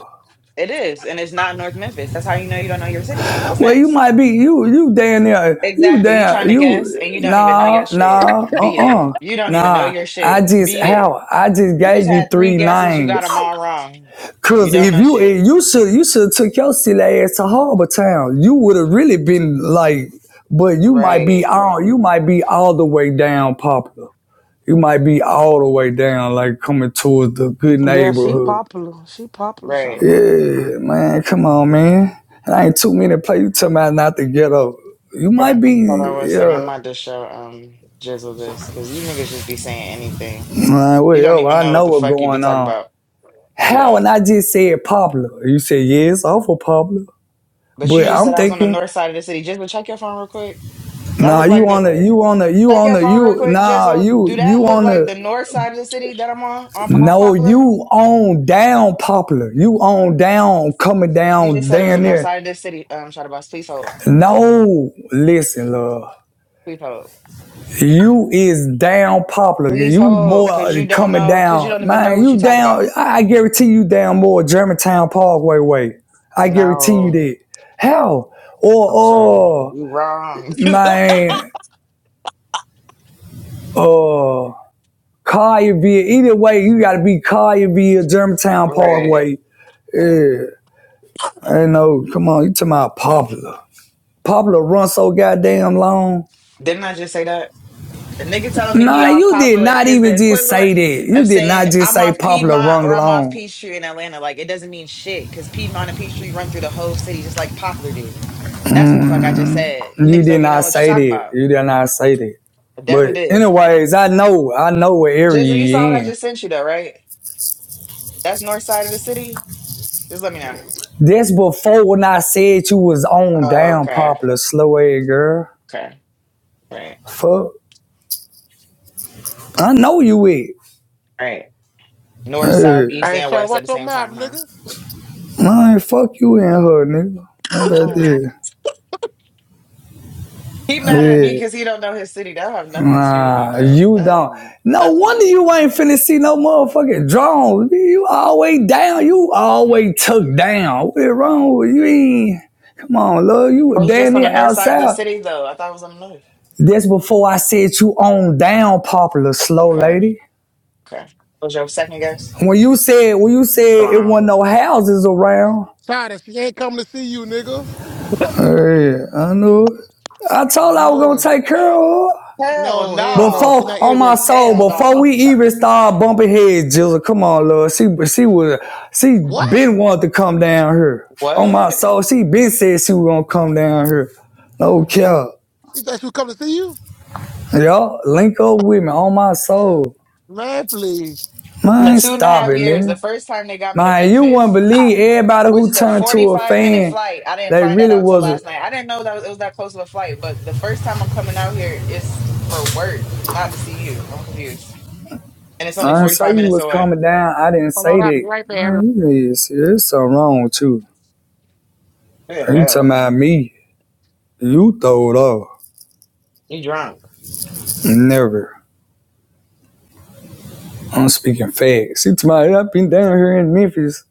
Speaker 7: It is, and it's not North Memphis. That's how you know you don't know your city. What's
Speaker 6: Well, you
Speaker 7: next?
Speaker 6: might be you you damn near you
Speaker 7: Exactly. You
Speaker 6: damn
Speaker 7: trying to guess and
Speaker 6: you
Speaker 7: you don't even know your
Speaker 6: nah
Speaker 7: shit.
Speaker 6: nah uh
Speaker 7: Beat
Speaker 6: uh
Speaker 7: it. You don't even know
Speaker 6: nah.
Speaker 7: your
Speaker 6: I
Speaker 7: shit.
Speaker 6: just
Speaker 7: Beat it.
Speaker 6: how I just
Speaker 7: You just
Speaker 6: gave you
Speaker 7: had three
Speaker 6: three
Speaker 7: guesses. You got them
Speaker 6: names.
Speaker 7: all wrong. You
Speaker 6: Cause
Speaker 7: don't
Speaker 6: if
Speaker 7: know
Speaker 6: you
Speaker 7: shit.
Speaker 6: if you should you should have took your silly ass to Harbor Town. You would have really been like, but you might be
Speaker 7: Right.
Speaker 6: all you might be all the way down popular. You might be all the way down like coming towards the good
Speaker 2: Yeah, she
Speaker 6: neighborhood.
Speaker 2: popular. She popular, Shada
Speaker 7: Right.
Speaker 2: Boss.
Speaker 6: Yeah, man, come on, man. I ain't too many to play. You talking about not to get up. You
Speaker 7: Hold on.
Speaker 6: might be,
Speaker 7: Hold on one second. I
Speaker 6: yeah.
Speaker 7: might just show um Jizzle this because you niggas just be saying anything.
Speaker 6: Man,
Speaker 7: You don't
Speaker 6: whatever.
Speaker 7: even
Speaker 6: I
Speaker 7: know what
Speaker 6: know
Speaker 7: the
Speaker 6: what's
Speaker 7: fuck you be
Speaker 6: going
Speaker 7: talking
Speaker 6: on.
Speaker 7: about. No, you
Speaker 6: How?
Speaker 7: don't.
Speaker 6: And I just said popular. You said, yeah, it's awful popular.
Speaker 7: But you
Speaker 6: But
Speaker 7: just
Speaker 6: I'm
Speaker 7: said I was on the
Speaker 6: thinking,
Speaker 7: north side of the city. Jizzle, check your phone real quick. That
Speaker 6: nah,
Speaker 7: look
Speaker 6: you
Speaker 7: like the
Speaker 6: on the, you on the, you
Speaker 7: take
Speaker 6: on
Speaker 7: your
Speaker 6: the,
Speaker 7: phone real
Speaker 6: you,
Speaker 7: quick,
Speaker 6: nah,
Speaker 7: Jizzle. Do
Speaker 6: you,
Speaker 7: that
Speaker 6: you
Speaker 7: look
Speaker 6: on
Speaker 7: like
Speaker 6: the,
Speaker 7: the north side of the city that I'm on on off
Speaker 6: no, you
Speaker 7: Popular?
Speaker 6: on down popular. You on down, coming
Speaker 7: You just
Speaker 6: down,
Speaker 7: said it was the
Speaker 6: down
Speaker 7: north
Speaker 6: there.
Speaker 7: side of the city. Um, shot about. Please hold.
Speaker 6: No, listen, love.
Speaker 7: Please hold.
Speaker 6: You is down popular.
Speaker 7: Please
Speaker 6: You more
Speaker 7: hold,
Speaker 6: uh,
Speaker 7: cause you don't
Speaker 6: coming
Speaker 7: know, cause you
Speaker 6: down,
Speaker 7: don't even know
Speaker 6: man.
Speaker 7: what you
Speaker 6: You
Speaker 7: talk
Speaker 6: down.
Speaker 7: about.
Speaker 6: I I guarantee you down more Germantown Parkway way. I guarantee you
Speaker 7: No,
Speaker 6: that. Hell, or
Speaker 7: okay,
Speaker 6: or
Speaker 7: you wrong.
Speaker 6: man, uh, Collierville. Either way, you got to be Collierville, Germantown
Speaker 7: right.
Speaker 6: Parkway. Yeah, I know. Come on, you talking about popular? Popular run so goddamn long.
Speaker 7: Didn't I just say that? A nigga telling me he
Speaker 6: Nah,
Speaker 7: off
Speaker 6: you did
Speaker 7: Popular
Speaker 6: not
Speaker 7: is the
Speaker 6: even just say
Speaker 7: equivalent
Speaker 6: that. You
Speaker 7: of
Speaker 6: did
Speaker 7: saying
Speaker 6: not just
Speaker 7: I'm
Speaker 6: say
Speaker 7: off
Speaker 6: popular
Speaker 7: Piedmont
Speaker 6: run
Speaker 7: or I'm off
Speaker 6: long.
Speaker 7: Peachtree in Atlanta. Like it doesn't mean shit, cause Piedmont and Peachtree run through the whole city just like Poplar do. That's what the fuck I just said. You
Speaker 6: You
Speaker 7: niggas
Speaker 6: did
Speaker 7: don't be
Speaker 6: not
Speaker 7: knowing what you
Speaker 6: say
Speaker 7: talking
Speaker 6: that.
Speaker 7: about.
Speaker 6: You did not say that.
Speaker 7: I
Speaker 6: But
Speaker 7: definitely did.
Speaker 6: anyways, I know, I know what area
Speaker 7: Jizzle, you
Speaker 6: you
Speaker 7: saw what I
Speaker 6: in.
Speaker 7: just sent you though, right? That's north side of the city. Just let me know.
Speaker 6: That's before when I said you was on
Speaker 7: Oh,
Speaker 6: down
Speaker 7: okay.
Speaker 6: popular slow ass girl.
Speaker 7: Okay. Right.
Speaker 6: Fuck. I know you it.
Speaker 7: Right. North, south,
Speaker 6: Hey,
Speaker 7: east,
Speaker 4: Hey,
Speaker 7: and
Speaker 4: sorry,
Speaker 7: west at
Speaker 4: watch
Speaker 7: the
Speaker 4: your
Speaker 7: same
Speaker 4: mouth,
Speaker 7: time, huh?
Speaker 4: nigga.
Speaker 6: I ain't fuck you in her, nigga. How about
Speaker 4: Hold on.
Speaker 6: that?
Speaker 7: He mad at me
Speaker 6: Yeah.
Speaker 7: because he don't know his city. That have nothing to do with me,
Speaker 6: Ah,
Speaker 7: bro.
Speaker 6: you
Speaker 7: That has
Speaker 6: don't. No
Speaker 7: nothing to
Speaker 6: wonder
Speaker 7: do
Speaker 6: you
Speaker 7: with me.
Speaker 6: ain't finna see no motherfucking drones. You always down. You always took down. What is wrong with you? Ain't- Come on, love. You
Speaker 7: I
Speaker 6: were
Speaker 7: was
Speaker 6: down
Speaker 7: just on the
Speaker 6: there
Speaker 7: north side of the
Speaker 6: outside.
Speaker 7: city though. I thought it was on the north.
Speaker 6: That's before I said you on down popular, slow
Speaker 7: Okay.
Speaker 6: lady.
Speaker 7: Okay. What was your second guess?
Speaker 6: When you said when you said it
Speaker 7: Wrong.
Speaker 6: wasn't no houses around.
Speaker 4: Sorry, she ain't coming to see you, nigga.
Speaker 6: Hey, I knew. it. I told
Speaker 4: I
Speaker 6: her I was
Speaker 4: know
Speaker 6: gonna
Speaker 4: it.
Speaker 6: take care of her.
Speaker 7: Hell
Speaker 4: No, hell no. She
Speaker 7: no.
Speaker 6: Before
Speaker 4: not
Speaker 6: on my
Speaker 4: interested.
Speaker 6: soul,
Speaker 7: Hell
Speaker 6: before
Speaker 7: no.
Speaker 6: we even start bumping heads, Jizzle, come on, Lord. She she was she
Speaker 4: What?
Speaker 6: been wanted to come down here. On
Speaker 7: What?
Speaker 6: my soul, she been said she was gonna come down here. No cap.
Speaker 4: You thought she was coming to see you?
Speaker 6: Y'all link up with me on my soul.
Speaker 4: Man, please.
Speaker 7: In the
Speaker 6: Man,
Speaker 7: two and a
Speaker 6: stop
Speaker 7: half
Speaker 6: it,
Speaker 7: years, the
Speaker 6: nigga.
Speaker 7: first time they got me to
Speaker 6: Man, you wouldn't
Speaker 7: Memphis,
Speaker 6: believe everybody
Speaker 7: which
Speaker 6: who
Speaker 7: is a
Speaker 6: turned to a
Speaker 7: 45 minute
Speaker 6: fan.
Speaker 7: flight. I didn't
Speaker 6: They
Speaker 7: find that
Speaker 6: really
Speaker 7: out till
Speaker 6: was.
Speaker 7: last night. I didn't know that it was that close of a flight, but the first time I'm coming out here is for work, not to see you. I'm confused. And it's only
Speaker 6: I saw
Speaker 7: 45
Speaker 6: you
Speaker 7: minutes
Speaker 6: was
Speaker 7: away.
Speaker 6: coming down. I didn't
Speaker 4: Hold on,
Speaker 6: say
Speaker 4: I'll be
Speaker 6: that.
Speaker 4: right there.
Speaker 6: Man, you need to see. There's something wrong with you.
Speaker 7: Good
Speaker 6: You talking
Speaker 7: hell.
Speaker 6: about me? You throw it off.
Speaker 7: You drunk.
Speaker 6: Never. I'm speaking facts. It's my I've been down here in Memphis.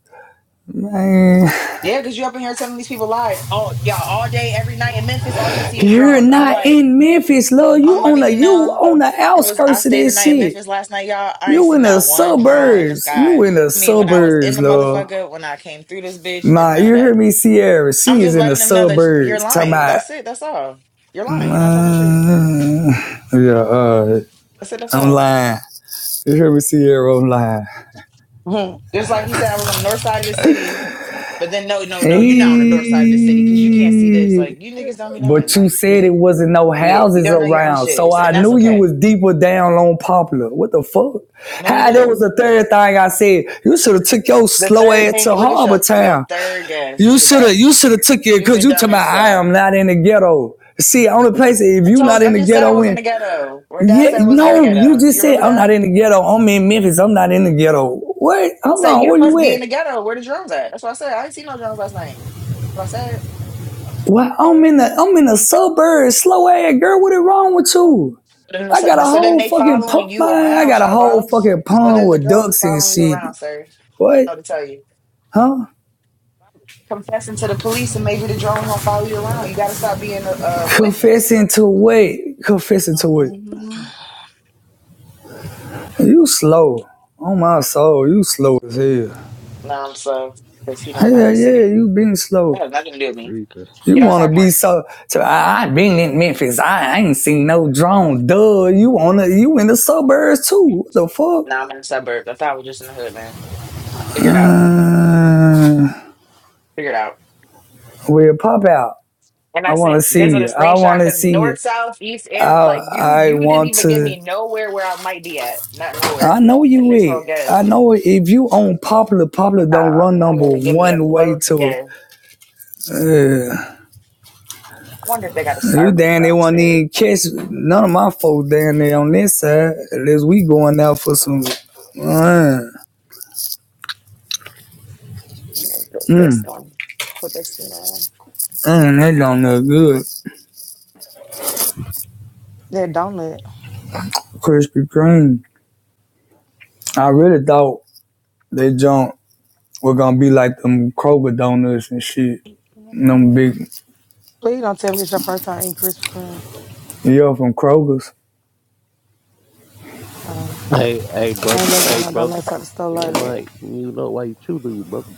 Speaker 6: Man,
Speaker 7: Yeah, because you up in here telling these people lies. Oh, y'all, all day, every night in Memphis, all you see is
Speaker 6: you're
Speaker 7: drones. I'm
Speaker 6: not
Speaker 7: like,
Speaker 6: in Memphis, love. You
Speaker 7: I'm
Speaker 6: on
Speaker 7: letting
Speaker 6: the
Speaker 7: you
Speaker 6: you
Speaker 7: know.
Speaker 6: on the
Speaker 7: I was I
Speaker 6: outskirts of
Speaker 7: stayed the
Speaker 6: this
Speaker 7: night in
Speaker 6: shit.
Speaker 7: Memphis last night, y'all. I ain't
Speaker 6: You in
Speaker 7: seen
Speaker 6: the
Speaker 7: not one drone in the
Speaker 6: suburbs. You
Speaker 7: sky.
Speaker 6: in the
Speaker 7: I mean, when I was in
Speaker 6: suburbs,
Speaker 7: the
Speaker 6: love.
Speaker 7: motherfucker, when I came through this bitch, and
Speaker 6: Nah,
Speaker 7: none of
Speaker 6: you hear
Speaker 7: that.
Speaker 6: me, Sierra?
Speaker 7: I'm
Speaker 6: She is
Speaker 7: just
Speaker 6: in the
Speaker 7: letting them know that you're
Speaker 6: suburbs. Talking
Speaker 7: lying.
Speaker 6: about,
Speaker 7: That's it. That's all. You're lying. You're not telling the truth.
Speaker 6: mm, yeah, uh,
Speaker 7: That's it. That's
Speaker 6: I'm
Speaker 7: all.
Speaker 6: lying. You hear me, Sierra? I'm lying.
Speaker 2: Hmm.
Speaker 7: Just like he said, I was on the north side of the city, but then no, no, no. You're not on the north side of the city because you can't see this.
Speaker 6: Hey.
Speaker 7: Like you niggas don't be knowing.
Speaker 6: But you
Speaker 7: Like beat
Speaker 6: said it
Speaker 7: it,
Speaker 6: wasn't no
Speaker 7: beat it. You
Speaker 6: houses
Speaker 7: don't know your own
Speaker 6: around,
Speaker 7: shit,
Speaker 6: so
Speaker 7: It's-
Speaker 6: I
Speaker 7: and that's
Speaker 6: knew you
Speaker 7: okay.
Speaker 6: was deeper down on Poplar. What the fuck?
Speaker 7: No, you
Speaker 6: How there
Speaker 7: didn't.
Speaker 6: was a third thing I said? You should have took your
Speaker 7: The
Speaker 6: slow
Speaker 7: third
Speaker 6: ass to
Speaker 7: thing. Look at
Speaker 6: Harbor
Speaker 7: your your
Speaker 6: Town.
Speaker 7: third guess.
Speaker 6: You
Speaker 7: Look at
Speaker 6: should
Speaker 7: that.
Speaker 6: have. You should have took it because
Speaker 7: Stupid,
Speaker 6: you
Speaker 7: dumb,
Speaker 6: told me
Speaker 7: and
Speaker 6: I
Speaker 7: slow.
Speaker 6: am not in the ghetto. See, only place if
Speaker 7: I
Speaker 6: you not
Speaker 7: told,
Speaker 6: in
Speaker 7: I
Speaker 6: the
Speaker 7: just said I
Speaker 6: ghetto,
Speaker 7: was in
Speaker 6: in
Speaker 7: the ghetto. Or did I
Speaker 6: yeah,
Speaker 7: say I wasn't in the
Speaker 6: no, you
Speaker 7: ghetto? Do
Speaker 6: just
Speaker 7: you
Speaker 6: said
Speaker 7: remember
Speaker 6: I'm
Speaker 7: that?
Speaker 6: not in
Speaker 7: I
Speaker 6: the ghetto. I'm in Memphis. I'm not in the ghetto. What? Hold
Speaker 7: said,
Speaker 6: on,
Speaker 7: you
Speaker 6: where you
Speaker 7: must be in
Speaker 6: at?
Speaker 7: the ghetto. Where the drums at? That's what I said. I didn't see no drums last night. That's what I said.
Speaker 6: Well, I'm in the I'm in the suburbs. Slow ass girl, what is wrong with you?
Speaker 7: But then,
Speaker 6: I
Speaker 7: so
Speaker 6: got a
Speaker 7: so then
Speaker 6: whole
Speaker 7: they
Speaker 6: fucking
Speaker 7: following
Speaker 6: pond,
Speaker 7: you
Speaker 6: man. I
Speaker 7: around,
Speaker 6: got a
Speaker 7: Shadow
Speaker 6: whole
Speaker 7: Boss.
Speaker 6: fucking
Speaker 7: So
Speaker 6: pond
Speaker 7: then the
Speaker 6: with
Speaker 7: drones is
Speaker 6: ducks and
Speaker 7: following you
Speaker 6: shit.
Speaker 7: around, sir. I don't
Speaker 6: What?
Speaker 7: know what to tell you.
Speaker 6: Huh?
Speaker 7: Confessing to the police and maybe the drones don't follow you around. You got to stop being a, a witness.
Speaker 6: Confessing to what? Confessing to what?
Speaker 7: Mm-hmm.
Speaker 6: You slow. On my soul, you slow as hell.
Speaker 7: No, I'm slow because he don't know
Speaker 6: Hell
Speaker 7: his
Speaker 6: yeah,
Speaker 7: city.
Speaker 6: you been
Speaker 7: That
Speaker 6: slow.
Speaker 7: has nothing to do with me.
Speaker 1: Read
Speaker 6: You
Speaker 7: Get
Speaker 6: wanna
Speaker 7: outside
Speaker 6: be
Speaker 7: more.
Speaker 6: so? so I, I been in Memphis. I, I ain't seen no drone. Duh, you wanna? You in the suburbs too? What the fuck?
Speaker 7: Now I'm in the suburbs. I thought I was just in the hood, man. Figure it out.
Speaker 6: Uh,
Speaker 7: Figure it out.
Speaker 6: we'll pop out.
Speaker 7: And
Speaker 6: I
Speaker 7: I
Speaker 6: wanna
Speaker 7: sent
Speaker 6: see
Speaker 7: Jizzle the
Speaker 6: you. I
Speaker 7: screenshot
Speaker 6: wanna
Speaker 7: because
Speaker 6: see you.
Speaker 7: north, south, east, air, like you
Speaker 6: I
Speaker 7: you didn't
Speaker 6: want
Speaker 7: even give
Speaker 6: to.
Speaker 7: me nowhere where I might be at. Not nowhere.
Speaker 6: I know
Speaker 7: And
Speaker 6: you
Speaker 7: this whole
Speaker 6: it.
Speaker 7: guess.
Speaker 6: I know if you on popular, popular don't
Speaker 7: God,
Speaker 6: run
Speaker 7: you didn't
Speaker 6: number
Speaker 7: even give me a
Speaker 6: one way
Speaker 7: close
Speaker 6: to
Speaker 7: guess.
Speaker 6: it. Uh,
Speaker 7: I wonder if they got a
Speaker 6: you
Speaker 7: Starbucks
Speaker 6: damn they won't
Speaker 7: downstairs.
Speaker 6: even catch none of my folks down there on this side unless we going out for some. Hmm,
Speaker 7: You know, put this
Speaker 6: mm,
Speaker 7: one. Put this one on.
Speaker 6: mm, that don't look good.
Speaker 2: That donut.
Speaker 6: Krispy Kreme. I really thought they junk were gonna be like them Kroger donuts and shit. Them big,
Speaker 2: Please don't tell me this your first time eating Krispy Kreme.
Speaker 6: yeah, from Kroger's.
Speaker 2: Um,
Speaker 8: Hey, hey,
Speaker 2: I
Speaker 8: brother.
Speaker 2: ain't never
Speaker 8: Hey,
Speaker 2: ate no
Speaker 8: brother.
Speaker 2: donuts at the store
Speaker 8: You know,
Speaker 2: like
Speaker 8: my,
Speaker 2: that.
Speaker 8: you know why you chew to you, brother.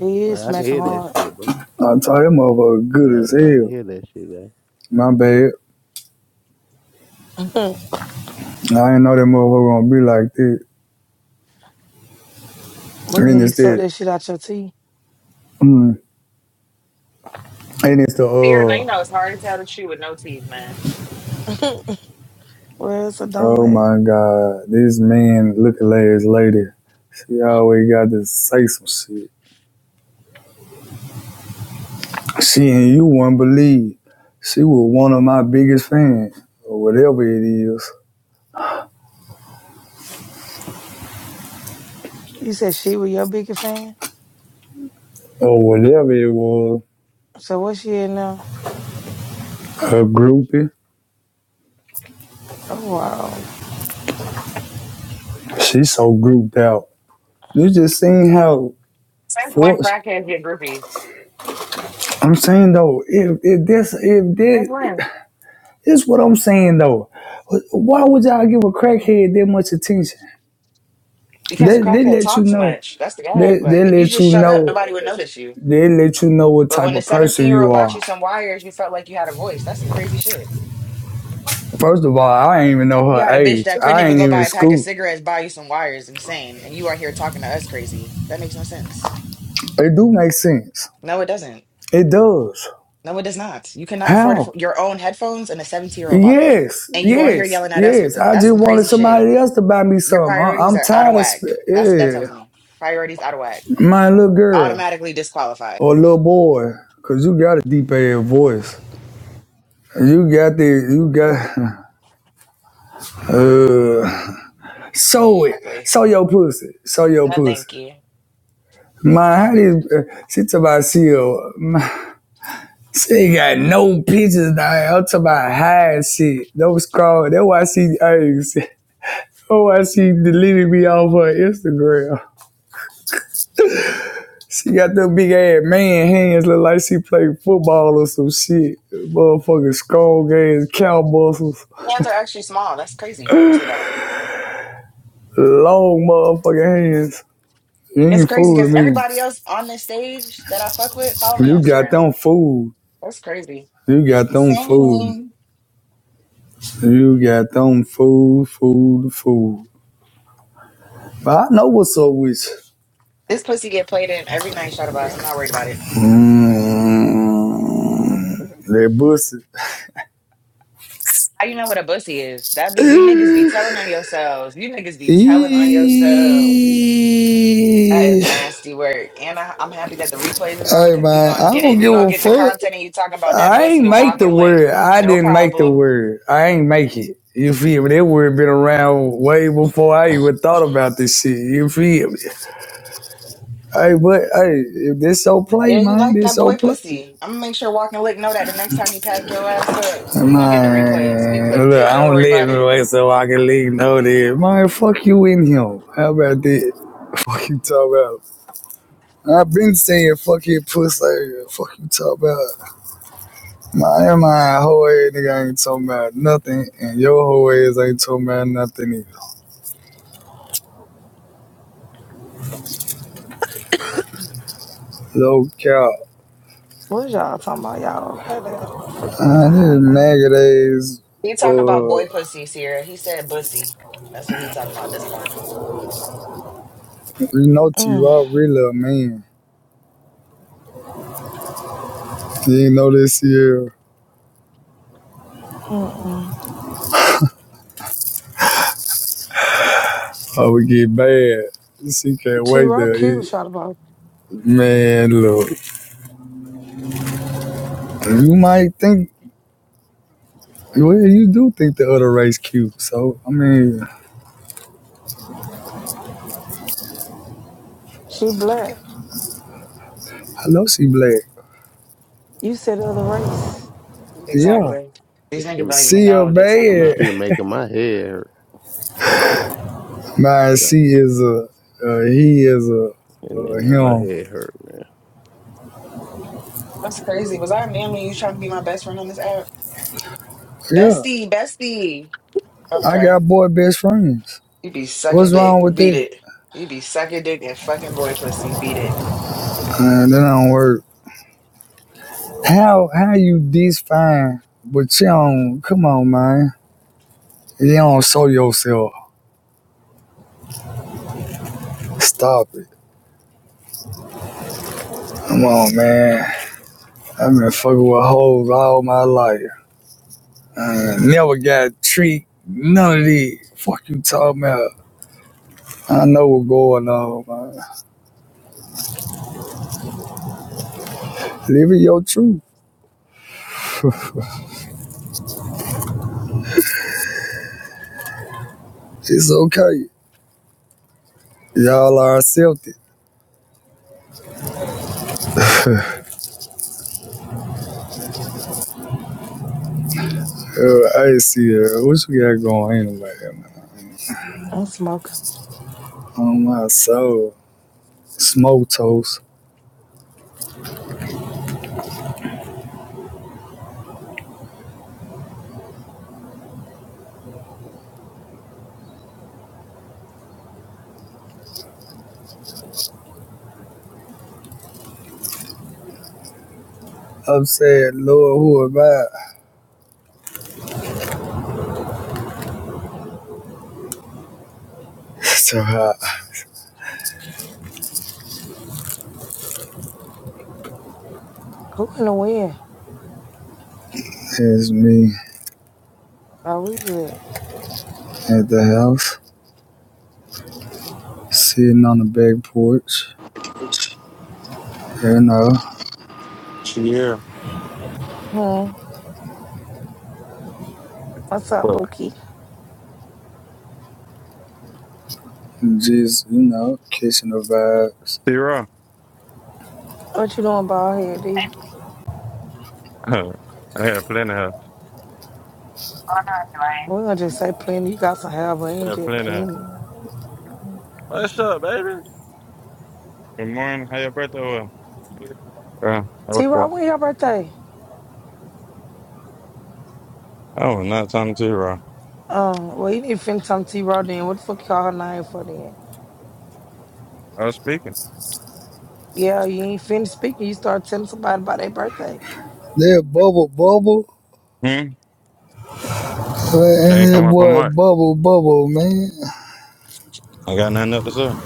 Speaker 2: It
Speaker 8: Like,
Speaker 2: is
Speaker 8: I can
Speaker 2: smacking
Speaker 8: hear that
Speaker 2: hard.
Speaker 8: shit, bro.
Speaker 6: I told that motherfucker good
Speaker 8: Yeah,
Speaker 6: as
Speaker 8: yeah, I can
Speaker 6: hell.
Speaker 8: hear that shit, man.
Speaker 6: My bad.
Speaker 2: we
Speaker 6: I didn't know that motherfucker gonna be like this.
Speaker 2: can hear
Speaker 6: And
Speaker 2: you
Speaker 6: it's
Speaker 2: suck
Speaker 6: that,
Speaker 2: that shit out your teeth.
Speaker 6: mm, and it's the,
Speaker 7: Here, now you
Speaker 6: uh,
Speaker 7: know it's hard to tell the shoe with no teeth, man.
Speaker 2: Where's it's a
Speaker 6: oh
Speaker 2: donut?
Speaker 6: my God, this man looking at his lady. She always got to say some shit. She and you won't believe. She was one of my biggest fans, or whatever it is,
Speaker 2: You said she was your biggest fan?
Speaker 6: or whatever it was.
Speaker 2: So what's she in now?
Speaker 6: Her groupie.
Speaker 2: Oh, wow.
Speaker 6: She so grouped out. You just seen how
Speaker 7: Since when
Speaker 6: forced.
Speaker 7: crackheads get groupies?
Speaker 6: I'm saying though, if, if this, if
Speaker 7: Since
Speaker 6: this,
Speaker 7: when?
Speaker 6: this what I'm saying though. Why would y'all give a crackhead that much attention?
Speaker 7: Because the
Speaker 6: They they
Speaker 7: crackhead
Speaker 6: let you
Speaker 7: talk too
Speaker 6: know.
Speaker 7: much. That's the guy.
Speaker 6: They they
Speaker 7: Like if you
Speaker 6: let
Speaker 7: just
Speaker 6: you
Speaker 7: shut up,
Speaker 6: know.
Speaker 7: nobody would notice
Speaker 6: They let you know what
Speaker 7: But
Speaker 6: type
Speaker 7: when the
Speaker 6: of
Speaker 7: 17
Speaker 6: person
Speaker 7: year
Speaker 6: you
Speaker 7: old bought
Speaker 6: are.
Speaker 7: you some wires, you felt like you had a voice. That's some crazy shit.
Speaker 6: First of all, I ain't even know
Speaker 7: You
Speaker 6: her
Speaker 7: had a bitch
Speaker 6: age.
Speaker 7: that couldn't
Speaker 6: I
Speaker 7: even
Speaker 6: ain't
Speaker 7: go buy
Speaker 6: even
Speaker 7: a pack of
Speaker 6: school.
Speaker 7: cigarettes, buy you some wires, insane. And you are here talking to us crazy. That makes no sense.
Speaker 6: It do make sense.
Speaker 7: No, it doesn't.
Speaker 6: It does.
Speaker 7: No, it does not. You cannot afford it
Speaker 6: How?
Speaker 7: for your own headphones, and a 17 year old bought them.
Speaker 6: Yes,
Speaker 7: And you are here
Speaker 6: yes,
Speaker 7: yelling at us with
Speaker 6: yes.
Speaker 7: them.
Speaker 6: I
Speaker 7: That's
Speaker 6: just
Speaker 7: some
Speaker 6: wanted
Speaker 7: crazy shit.
Speaker 6: somebody else to buy me
Speaker 7: Your
Speaker 6: something. I,
Speaker 7: priorities
Speaker 6: am
Speaker 7: are out of
Speaker 6: tired of
Speaker 7: whack.
Speaker 6: sp-
Speaker 7: That's what that tells
Speaker 6: yeah,
Speaker 7: me. Priorities out of whack.
Speaker 6: my little girl
Speaker 7: Automatically disqualified.
Speaker 6: or little boy, cause you got a deep ass voice. You got the you got uh. Show it.
Speaker 7: Exactly.
Speaker 6: Show your pussy. Show your
Speaker 7: No,
Speaker 6: pussy.
Speaker 7: thank you.
Speaker 6: Man, how did uh, she talk about seal? she ain't got no pictures now. I'm talking about hide shit. Those scroll. That's why she eggs. Oh, why she deleted me off her Instagram. She got them big ass man hands look like she played football or some shit. Motherfucking strong ass cow muscles.
Speaker 7: Hands are actually small. That's crazy. You say that.
Speaker 6: Long motherfucking hands. You
Speaker 7: It's
Speaker 6: ain't
Speaker 7: crazy because
Speaker 6: fooling me.
Speaker 7: everybody else on this stage that I fuck with follow me
Speaker 6: You
Speaker 7: on
Speaker 6: got
Speaker 7: Instagram.
Speaker 6: them fooled.
Speaker 7: That's crazy.
Speaker 6: You got
Speaker 7: I'm
Speaker 6: them fooled.
Speaker 7: saying
Speaker 6: You got them fooled, fooled, fooled. But I know what's up with
Speaker 7: this pussy get played in every night, shot about. I'm not worried about it.
Speaker 6: you. Mm, that pussy.
Speaker 7: How you know what a pussy is? That be you niggas be telling on yourselves. You niggas be telling on yourselves. That is nasty work. And I, I'm happy that the replays is on
Speaker 6: hey
Speaker 7: because we
Speaker 6: man,
Speaker 7: gonna
Speaker 6: I
Speaker 7: get it.
Speaker 6: don't
Speaker 7: We
Speaker 6: give
Speaker 7: gonna
Speaker 6: a
Speaker 7: get the
Speaker 6: fuck.
Speaker 7: content and you talking about that
Speaker 6: I
Speaker 7: pussy
Speaker 6: ain't
Speaker 7: to
Speaker 6: make
Speaker 7: walk
Speaker 6: the
Speaker 7: and lick.
Speaker 6: word. I
Speaker 7: No
Speaker 6: didn't make the
Speaker 7: problem.
Speaker 6: word. I ain't make it. You feel me? That word been around way before I even thought about this shit. You feel me? Hey, but hey, if this so play,
Speaker 7: Yeah, you
Speaker 6: man,
Speaker 7: like
Speaker 6: this
Speaker 7: that
Speaker 6: so
Speaker 7: boy
Speaker 6: play.
Speaker 7: pussy. I'm gonna make sure Walking Lick know that the next time he pack your ass up, he gonna get the replays. We
Speaker 6: Man,
Speaker 7: clipped
Speaker 6: look,
Speaker 7: it.
Speaker 6: I
Speaker 7: Don't
Speaker 6: don't
Speaker 7: worry
Speaker 6: let
Speaker 7: about
Speaker 6: me
Speaker 7: it.
Speaker 6: wait so I can leave know that. Man, fuck you in here. How about that? Fuck you talk about. I've been saying fuck your pussy. like, Fuck you talk about. Man, my whole ass nigga ain't talking about nothing, and your whole ass ain't talking about nothing either. Low cow.
Speaker 2: What y'all talking about? Y'all goddamn fucking with
Speaker 6: I
Speaker 2: my high
Speaker 6: this
Speaker 2: now.
Speaker 6: maggot ass.
Speaker 7: He talking about boy
Speaker 6: Uh,
Speaker 7: pussy, Sierra. He said bussy. That's what he talking about this morning.
Speaker 6: you know T
Speaker 2: Mm,
Speaker 6: Rock really a man. You know this year,
Speaker 2: mm, mm.
Speaker 6: I would get bad. She can't
Speaker 2: She
Speaker 6: wait
Speaker 2: real
Speaker 6: to
Speaker 2: cute,
Speaker 6: eat.
Speaker 2: Shada Ball.
Speaker 6: Man, look. You might think, well, you do think the other race cute. So, I mean,
Speaker 2: She black.
Speaker 6: I love she black.
Speaker 2: You said the other race.
Speaker 6: Yeah.
Speaker 7: Exactly. These
Speaker 8: This
Speaker 7: niggas
Speaker 8: shit,
Speaker 7: don't even
Speaker 6: She
Speaker 7: know
Speaker 6: a
Speaker 7: what they talking
Speaker 8: this
Speaker 7: about.
Speaker 6: man.
Speaker 8: shit making my head hurt.
Speaker 7: Exactly.
Speaker 6: Man,
Speaker 8: Yeah.
Speaker 6: she is a, uh, he is a,
Speaker 8: And it
Speaker 6: uh,
Speaker 8: make my
Speaker 6: him.
Speaker 8: head hurt,
Speaker 7: That's crazy. Was I a man when you trying to be my best friend on this app?
Speaker 6: Yeah.
Speaker 7: Bestie, bestie.
Speaker 6: I
Speaker 7: Okay.
Speaker 6: got boy best friends.
Speaker 7: You be sucking
Speaker 6: What's wrong
Speaker 7: dick.
Speaker 6: with
Speaker 7: Beat
Speaker 6: that?
Speaker 7: it. You be sucking dick and fucking boy pussy. Beat it.
Speaker 6: Man, that don't work. How, how you this fine, but you don't, come on, man. You don't show yourself. Stop it. Come on, man. I've been fucking with hoes all my life. I never got a treat. None of these. Fuck you talking about. I know what's going on, man. Living your truth. It's okay. Y'all are accepted. Uh, I see Sierra, what you got going anyway, man?
Speaker 2: I'm smoking.
Speaker 6: On my soul. Smoke toast. I'm saying, Lord, who am I? So hot.
Speaker 2: Who gonna win?
Speaker 6: It's me
Speaker 2: Are we good?
Speaker 6: at the house, sitting on the back porch. You know,
Speaker 9: Yeah.
Speaker 2: Hmm. What's up,
Speaker 9: Well,
Speaker 2: Bookie?
Speaker 6: just, you know, catching the vibes.
Speaker 9: zero.
Speaker 2: What you doing, bald head D?
Speaker 9: I had plenty of.
Speaker 2: We're gonna just say plenty. You got some hair, but
Speaker 9: I
Speaker 2: ain't
Speaker 9: had
Speaker 2: just
Speaker 9: plenty of.
Speaker 2: plenty.
Speaker 9: What's up, baby? Good morning. How your birthday was? Uh,
Speaker 2: T
Speaker 9: what's
Speaker 2: Raw,
Speaker 9: up?
Speaker 2: when your birthday?
Speaker 9: I was not talking to you, bro.
Speaker 2: Um, well, you need to finish something T Raw then. What the fuck you call her name for then?
Speaker 9: I was speaking.
Speaker 2: Yeah, you ain't finished speaking. You start telling somebody about their birthday.
Speaker 6: That bubble bubble.
Speaker 9: Hmm. She ain't
Speaker 6: And that
Speaker 9: come up on
Speaker 6: boy
Speaker 9: mic.
Speaker 6: Bubble Bubble, man.
Speaker 9: I got nothing up to say.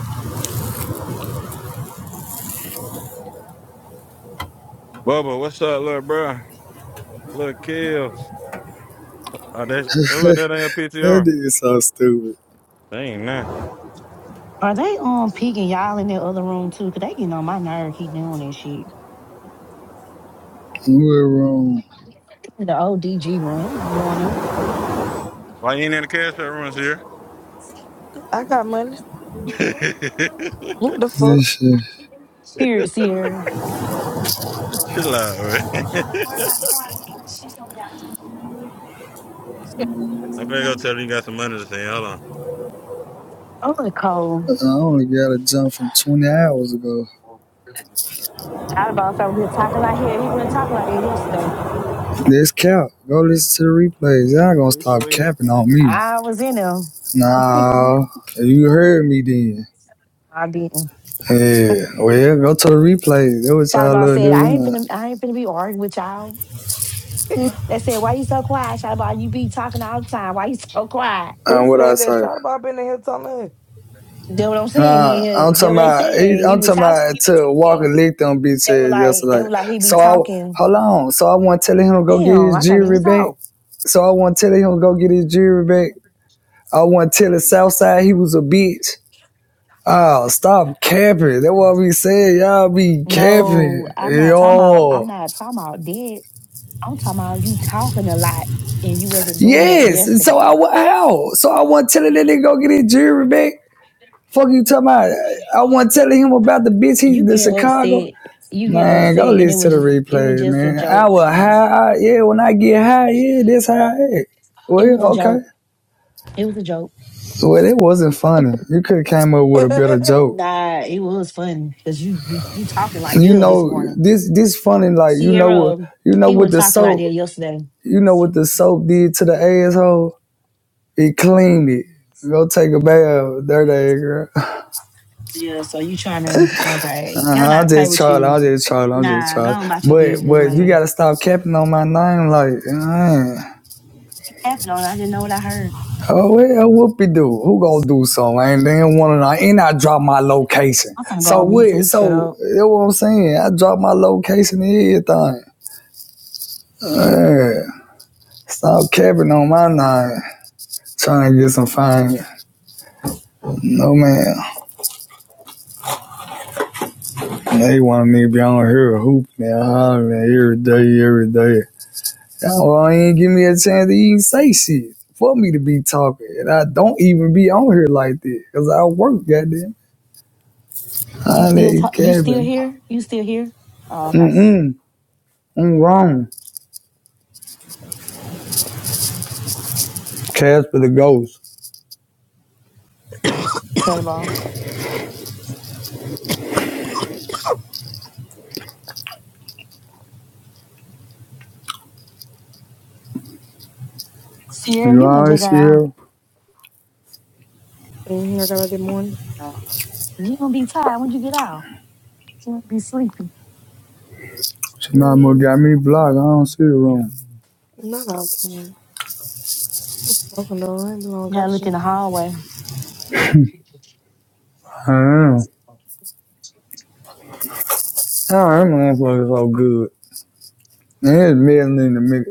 Speaker 9: Bubba, what's up, little bro? Little kills. Oh, that's who is that in your
Speaker 6: That
Speaker 9: PTR?
Speaker 6: nigga so stupid.
Speaker 9: They ain't nah.
Speaker 5: Are they um peeking y'all in the other room too? Cause they getting on my nerve keep doing that shit.
Speaker 6: We're wrong.
Speaker 5: The old DG room I'm going up.
Speaker 9: Why you ain't in the cash out rooms here?
Speaker 2: I got money. Who the fuck?
Speaker 6: This shit.
Speaker 5: Spirit Sierra.
Speaker 9: Chill out, man. I finna go tell her you got some money to send. Hold on.
Speaker 5: Oh, it's cold.
Speaker 6: I only got a jump from 20 hours ago.
Speaker 5: I boss over here talking like here. He wasn't talking like that yesterday.
Speaker 6: This cap. Go listen to the replays. Y'all gonna
Speaker 9: Sweet,
Speaker 6: stop
Speaker 9: sweet.
Speaker 6: capping on me.
Speaker 5: I was in him.
Speaker 6: Nah. You heard me then.
Speaker 5: I didn't.
Speaker 6: Yeah. Well, yeah, go to the replays. That was y'all
Speaker 5: Shadabon
Speaker 6: little
Speaker 5: said,
Speaker 6: dude.
Speaker 5: I
Speaker 6: You
Speaker 5: ain't
Speaker 6: know.
Speaker 5: finna I ain't finna be arguing with y'all. They said, Why you so quiet, Shadabon? You be talking all the time. Why you so quiet?
Speaker 2: Who
Speaker 6: And what I
Speaker 2: said that?
Speaker 6: say?
Speaker 2: Shada Ball been in here telling
Speaker 5: That what I'm saying.
Speaker 6: Nah, I'm
Speaker 5: He that
Speaker 6: talking
Speaker 5: what they
Speaker 6: about,
Speaker 5: said. He
Speaker 6: I'm
Speaker 5: was
Speaker 6: talking
Speaker 5: talking.
Speaker 6: about
Speaker 5: He be
Speaker 6: to Walker
Speaker 5: talking.
Speaker 6: licked on bitch
Speaker 5: They were
Speaker 6: ass
Speaker 5: like they
Speaker 6: yesterday.
Speaker 5: were like he be
Speaker 6: So I,
Speaker 5: talking.
Speaker 6: hold on. So I want to tell him to go get
Speaker 5: Damn,
Speaker 6: his
Speaker 5: I can't
Speaker 6: jewelry
Speaker 5: even
Speaker 6: back.
Speaker 5: talk.
Speaker 6: So I want to tell him to go get his jewelry back. I want to tell the Southside he was a bitch. Oh, stop capping. That's what we be Y'all be capping.
Speaker 5: No, I'm not talking about. I'm
Speaker 6: Yo.
Speaker 5: not talking about dead. I'm talking about you talking a lot and you wasn't doing that
Speaker 6: Yes. So
Speaker 5: yesterday.
Speaker 6: I wa- how? So I want to tell him that they go get his jewelry back. Fuck you talking about? I want to tell him about the bitch he
Speaker 5: You
Speaker 6: the
Speaker 5: getting
Speaker 6: Chicago.
Speaker 5: upset. You getting
Speaker 6: Man, go
Speaker 5: upset, and it
Speaker 6: listen
Speaker 5: was
Speaker 6: to the
Speaker 5: just it was
Speaker 6: replay,
Speaker 5: just a
Speaker 6: man. I
Speaker 5: joke,
Speaker 6: will
Speaker 5: honey.
Speaker 6: high. I- yeah, when I get high, yeah, this high.
Speaker 5: It was a
Speaker 6: Well, okay.
Speaker 5: joke. It was a joke.
Speaker 6: So Well, it wasn't funny. You could have came up with a
Speaker 2: her.
Speaker 6: better joke.
Speaker 5: Nah, it was fun because you you you talking like
Speaker 6: you
Speaker 5: hell this
Speaker 6: know
Speaker 5: morning.
Speaker 6: this this funny like you know what
Speaker 5: Sierra,
Speaker 6: you know
Speaker 5: he
Speaker 6: what
Speaker 5: was
Speaker 6: the
Speaker 5: talking out
Speaker 6: soap
Speaker 5: there yesterday.
Speaker 6: you know what the soap did to the asshole it cleaned it go take a bath dirty ass girl
Speaker 5: Yeah, so you trying to okay? Got about
Speaker 6: i'm
Speaker 5: to play
Speaker 6: just
Speaker 5: with
Speaker 6: trying i'm
Speaker 5: you?
Speaker 6: just trying i'm just
Speaker 5: Nah, go
Speaker 6: trying
Speaker 5: on about your
Speaker 6: but
Speaker 5: business
Speaker 6: but you
Speaker 5: later.
Speaker 6: gotta stop capping on my name like man.
Speaker 5: Happened on. I didn't know what I heard.
Speaker 6: oh well whoopie do who gonna do something I ain't damn one of them and i drop my location
Speaker 5: I'm finna go
Speaker 6: so
Speaker 5: on
Speaker 6: what
Speaker 5: mute so he can shut
Speaker 6: so
Speaker 5: up.
Speaker 6: that's what i'm saying i drop my location and everything Man, stop capping on my name Trying to get some fine. No, man. They want me to be on here hoop, man. Ah, man, every day, every day. Y'all well, ain't give me a chance to even say shit for me to be talking. And I don't even be on here like this because I work, goddamn.
Speaker 5: You
Speaker 6: I
Speaker 5: still
Speaker 6: need
Speaker 5: talk, you still
Speaker 6: Kevin.
Speaker 5: here? You still here? Oh, okay.
Speaker 6: Mm-mm. I'm wrong. Casper the ghost.
Speaker 5: Shut up, all. Sierra,
Speaker 6: You
Speaker 5: you must just
Speaker 6: always
Speaker 5: got
Speaker 6: see her?
Speaker 2: Mm, I got a good morning.
Speaker 5: out. You gonna be tired when you get out. You gonna be sleepy.
Speaker 6: She might have
Speaker 2: Mm,
Speaker 6: got me blocked. I don't see her wrong.
Speaker 2: not out there. Welcome to I ain't long
Speaker 5: Yeah,
Speaker 2: got
Speaker 5: look
Speaker 2: shit.
Speaker 5: in the hallway.
Speaker 6: I am. I am. That motherfucker so good. And it's melting in the, mi-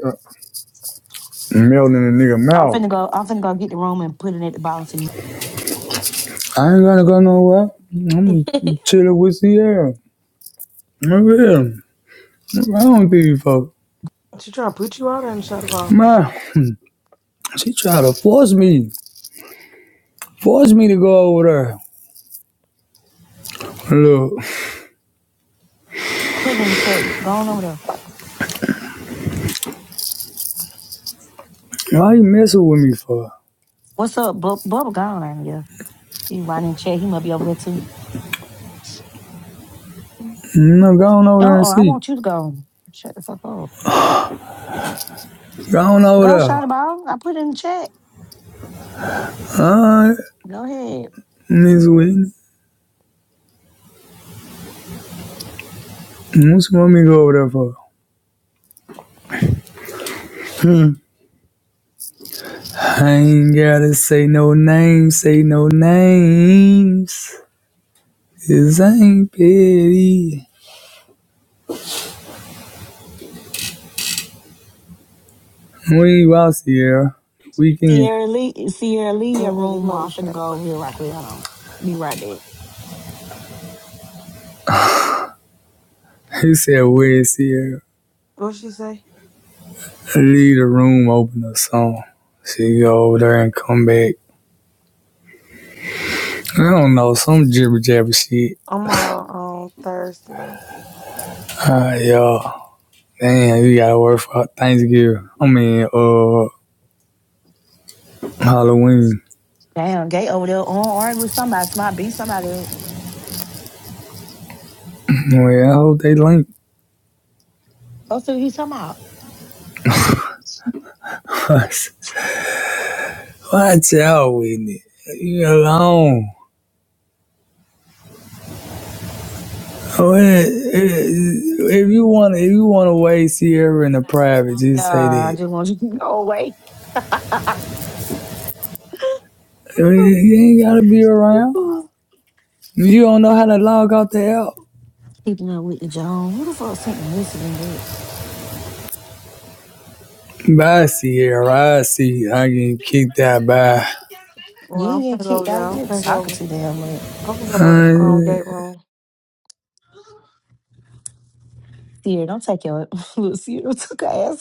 Speaker 6: uh, melting in the nigga
Speaker 5: I'm
Speaker 6: mouth.
Speaker 5: finna go. I'm finna go get the room and put it at the bottom. So you
Speaker 6: I ain't gonna go nowhere. I'm chilling with Sierra. For real. I don't think you folk.
Speaker 2: she trying to put you out and shut up on
Speaker 6: Man, she tried to force me. Force me to go over there. Look,
Speaker 5: put it in the chat. Go on over there.
Speaker 6: why you messing with me for?
Speaker 5: What's up, Bub? Bubba gone out here. He right in the chat. He must be over there too.
Speaker 6: No, go on over there
Speaker 5: No,
Speaker 6: and
Speaker 5: oh, I
Speaker 6: see.
Speaker 5: want you to go. Shut the fuck up.
Speaker 6: Go on over
Speaker 5: Go shot the
Speaker 6: there.
Speaker 5: ball. I put it in the chat.
Speaker 6: Alright,
Speaker 5: Go ahead.
Speaker 6: Miss Whitney. What you want me to go over there for? Hmm. I ain't gotta say no names, say no names. This ain't petty. We ain't out Sierra. The weekend.
Speaker 5: Sierra Lee, Sierra Lee, your
Speaker 2: and get
Speaker 5: room.
Speaker 2: my
Speaker 5: I'm
Speaker 2: wish
Speaker 5: finna
Speaker 2: out of
Speaker 5: go over
Speaker 2: work.
Speaker 5: here right quick. Hold on. Be right back.
Speaker 6: He said, Where is here?
Speaker 2: What she say?
Speaker 6: Leave the room open or something. She go over there and come back. I don't know, some jibber jabber shit.
Speaker 2: I'm out on Thursday though.
Speaker 6: Ah, yeah. Damn, you gotta work for Thanksgiving. I mean, uh, Halloween.
Speaker 5: Damn, gay over there on arguing with somebody. Somebody beat somebody. Up.
Speaker 6: Well, I hope they link
Speaker 5: That's what he's talking about.
Speaker 6: us. Watch out with it. You alone. Oh, eh, eh, If you want, if you want to waste Sierra in the private,
Speaker 5: Uh,
Speaker 6: just say
Speaker 5: I
Speaker 6: that.
Speaker 5: just want you to go away.
Speaker 6: You ain't gotta be around. You don't know how to log out the app.
Speaker 5: Keeping up with the Jones. Who the fuck sent the message in that?
Speaker 6: Basi ya rasi, I can kick that by.
Speaker 2: Well,
Speaker 5: You
Speaker 2: I'm
Speaker 5: ain't getting
Speaker 2: finna go
Speaker 5: kicked
Speaker 2: over there.
Speaker 5: out.
Speaker 2: I'm
Speaker 5: You're
Speaker 2: finna go
Speaker 5: talking
Speaker 2: over.
Speaker 5: too damn much.
Speaker 2: I'm finna go to um gate room.
Speaker 5: Sierra, don't take your look. Sierra took her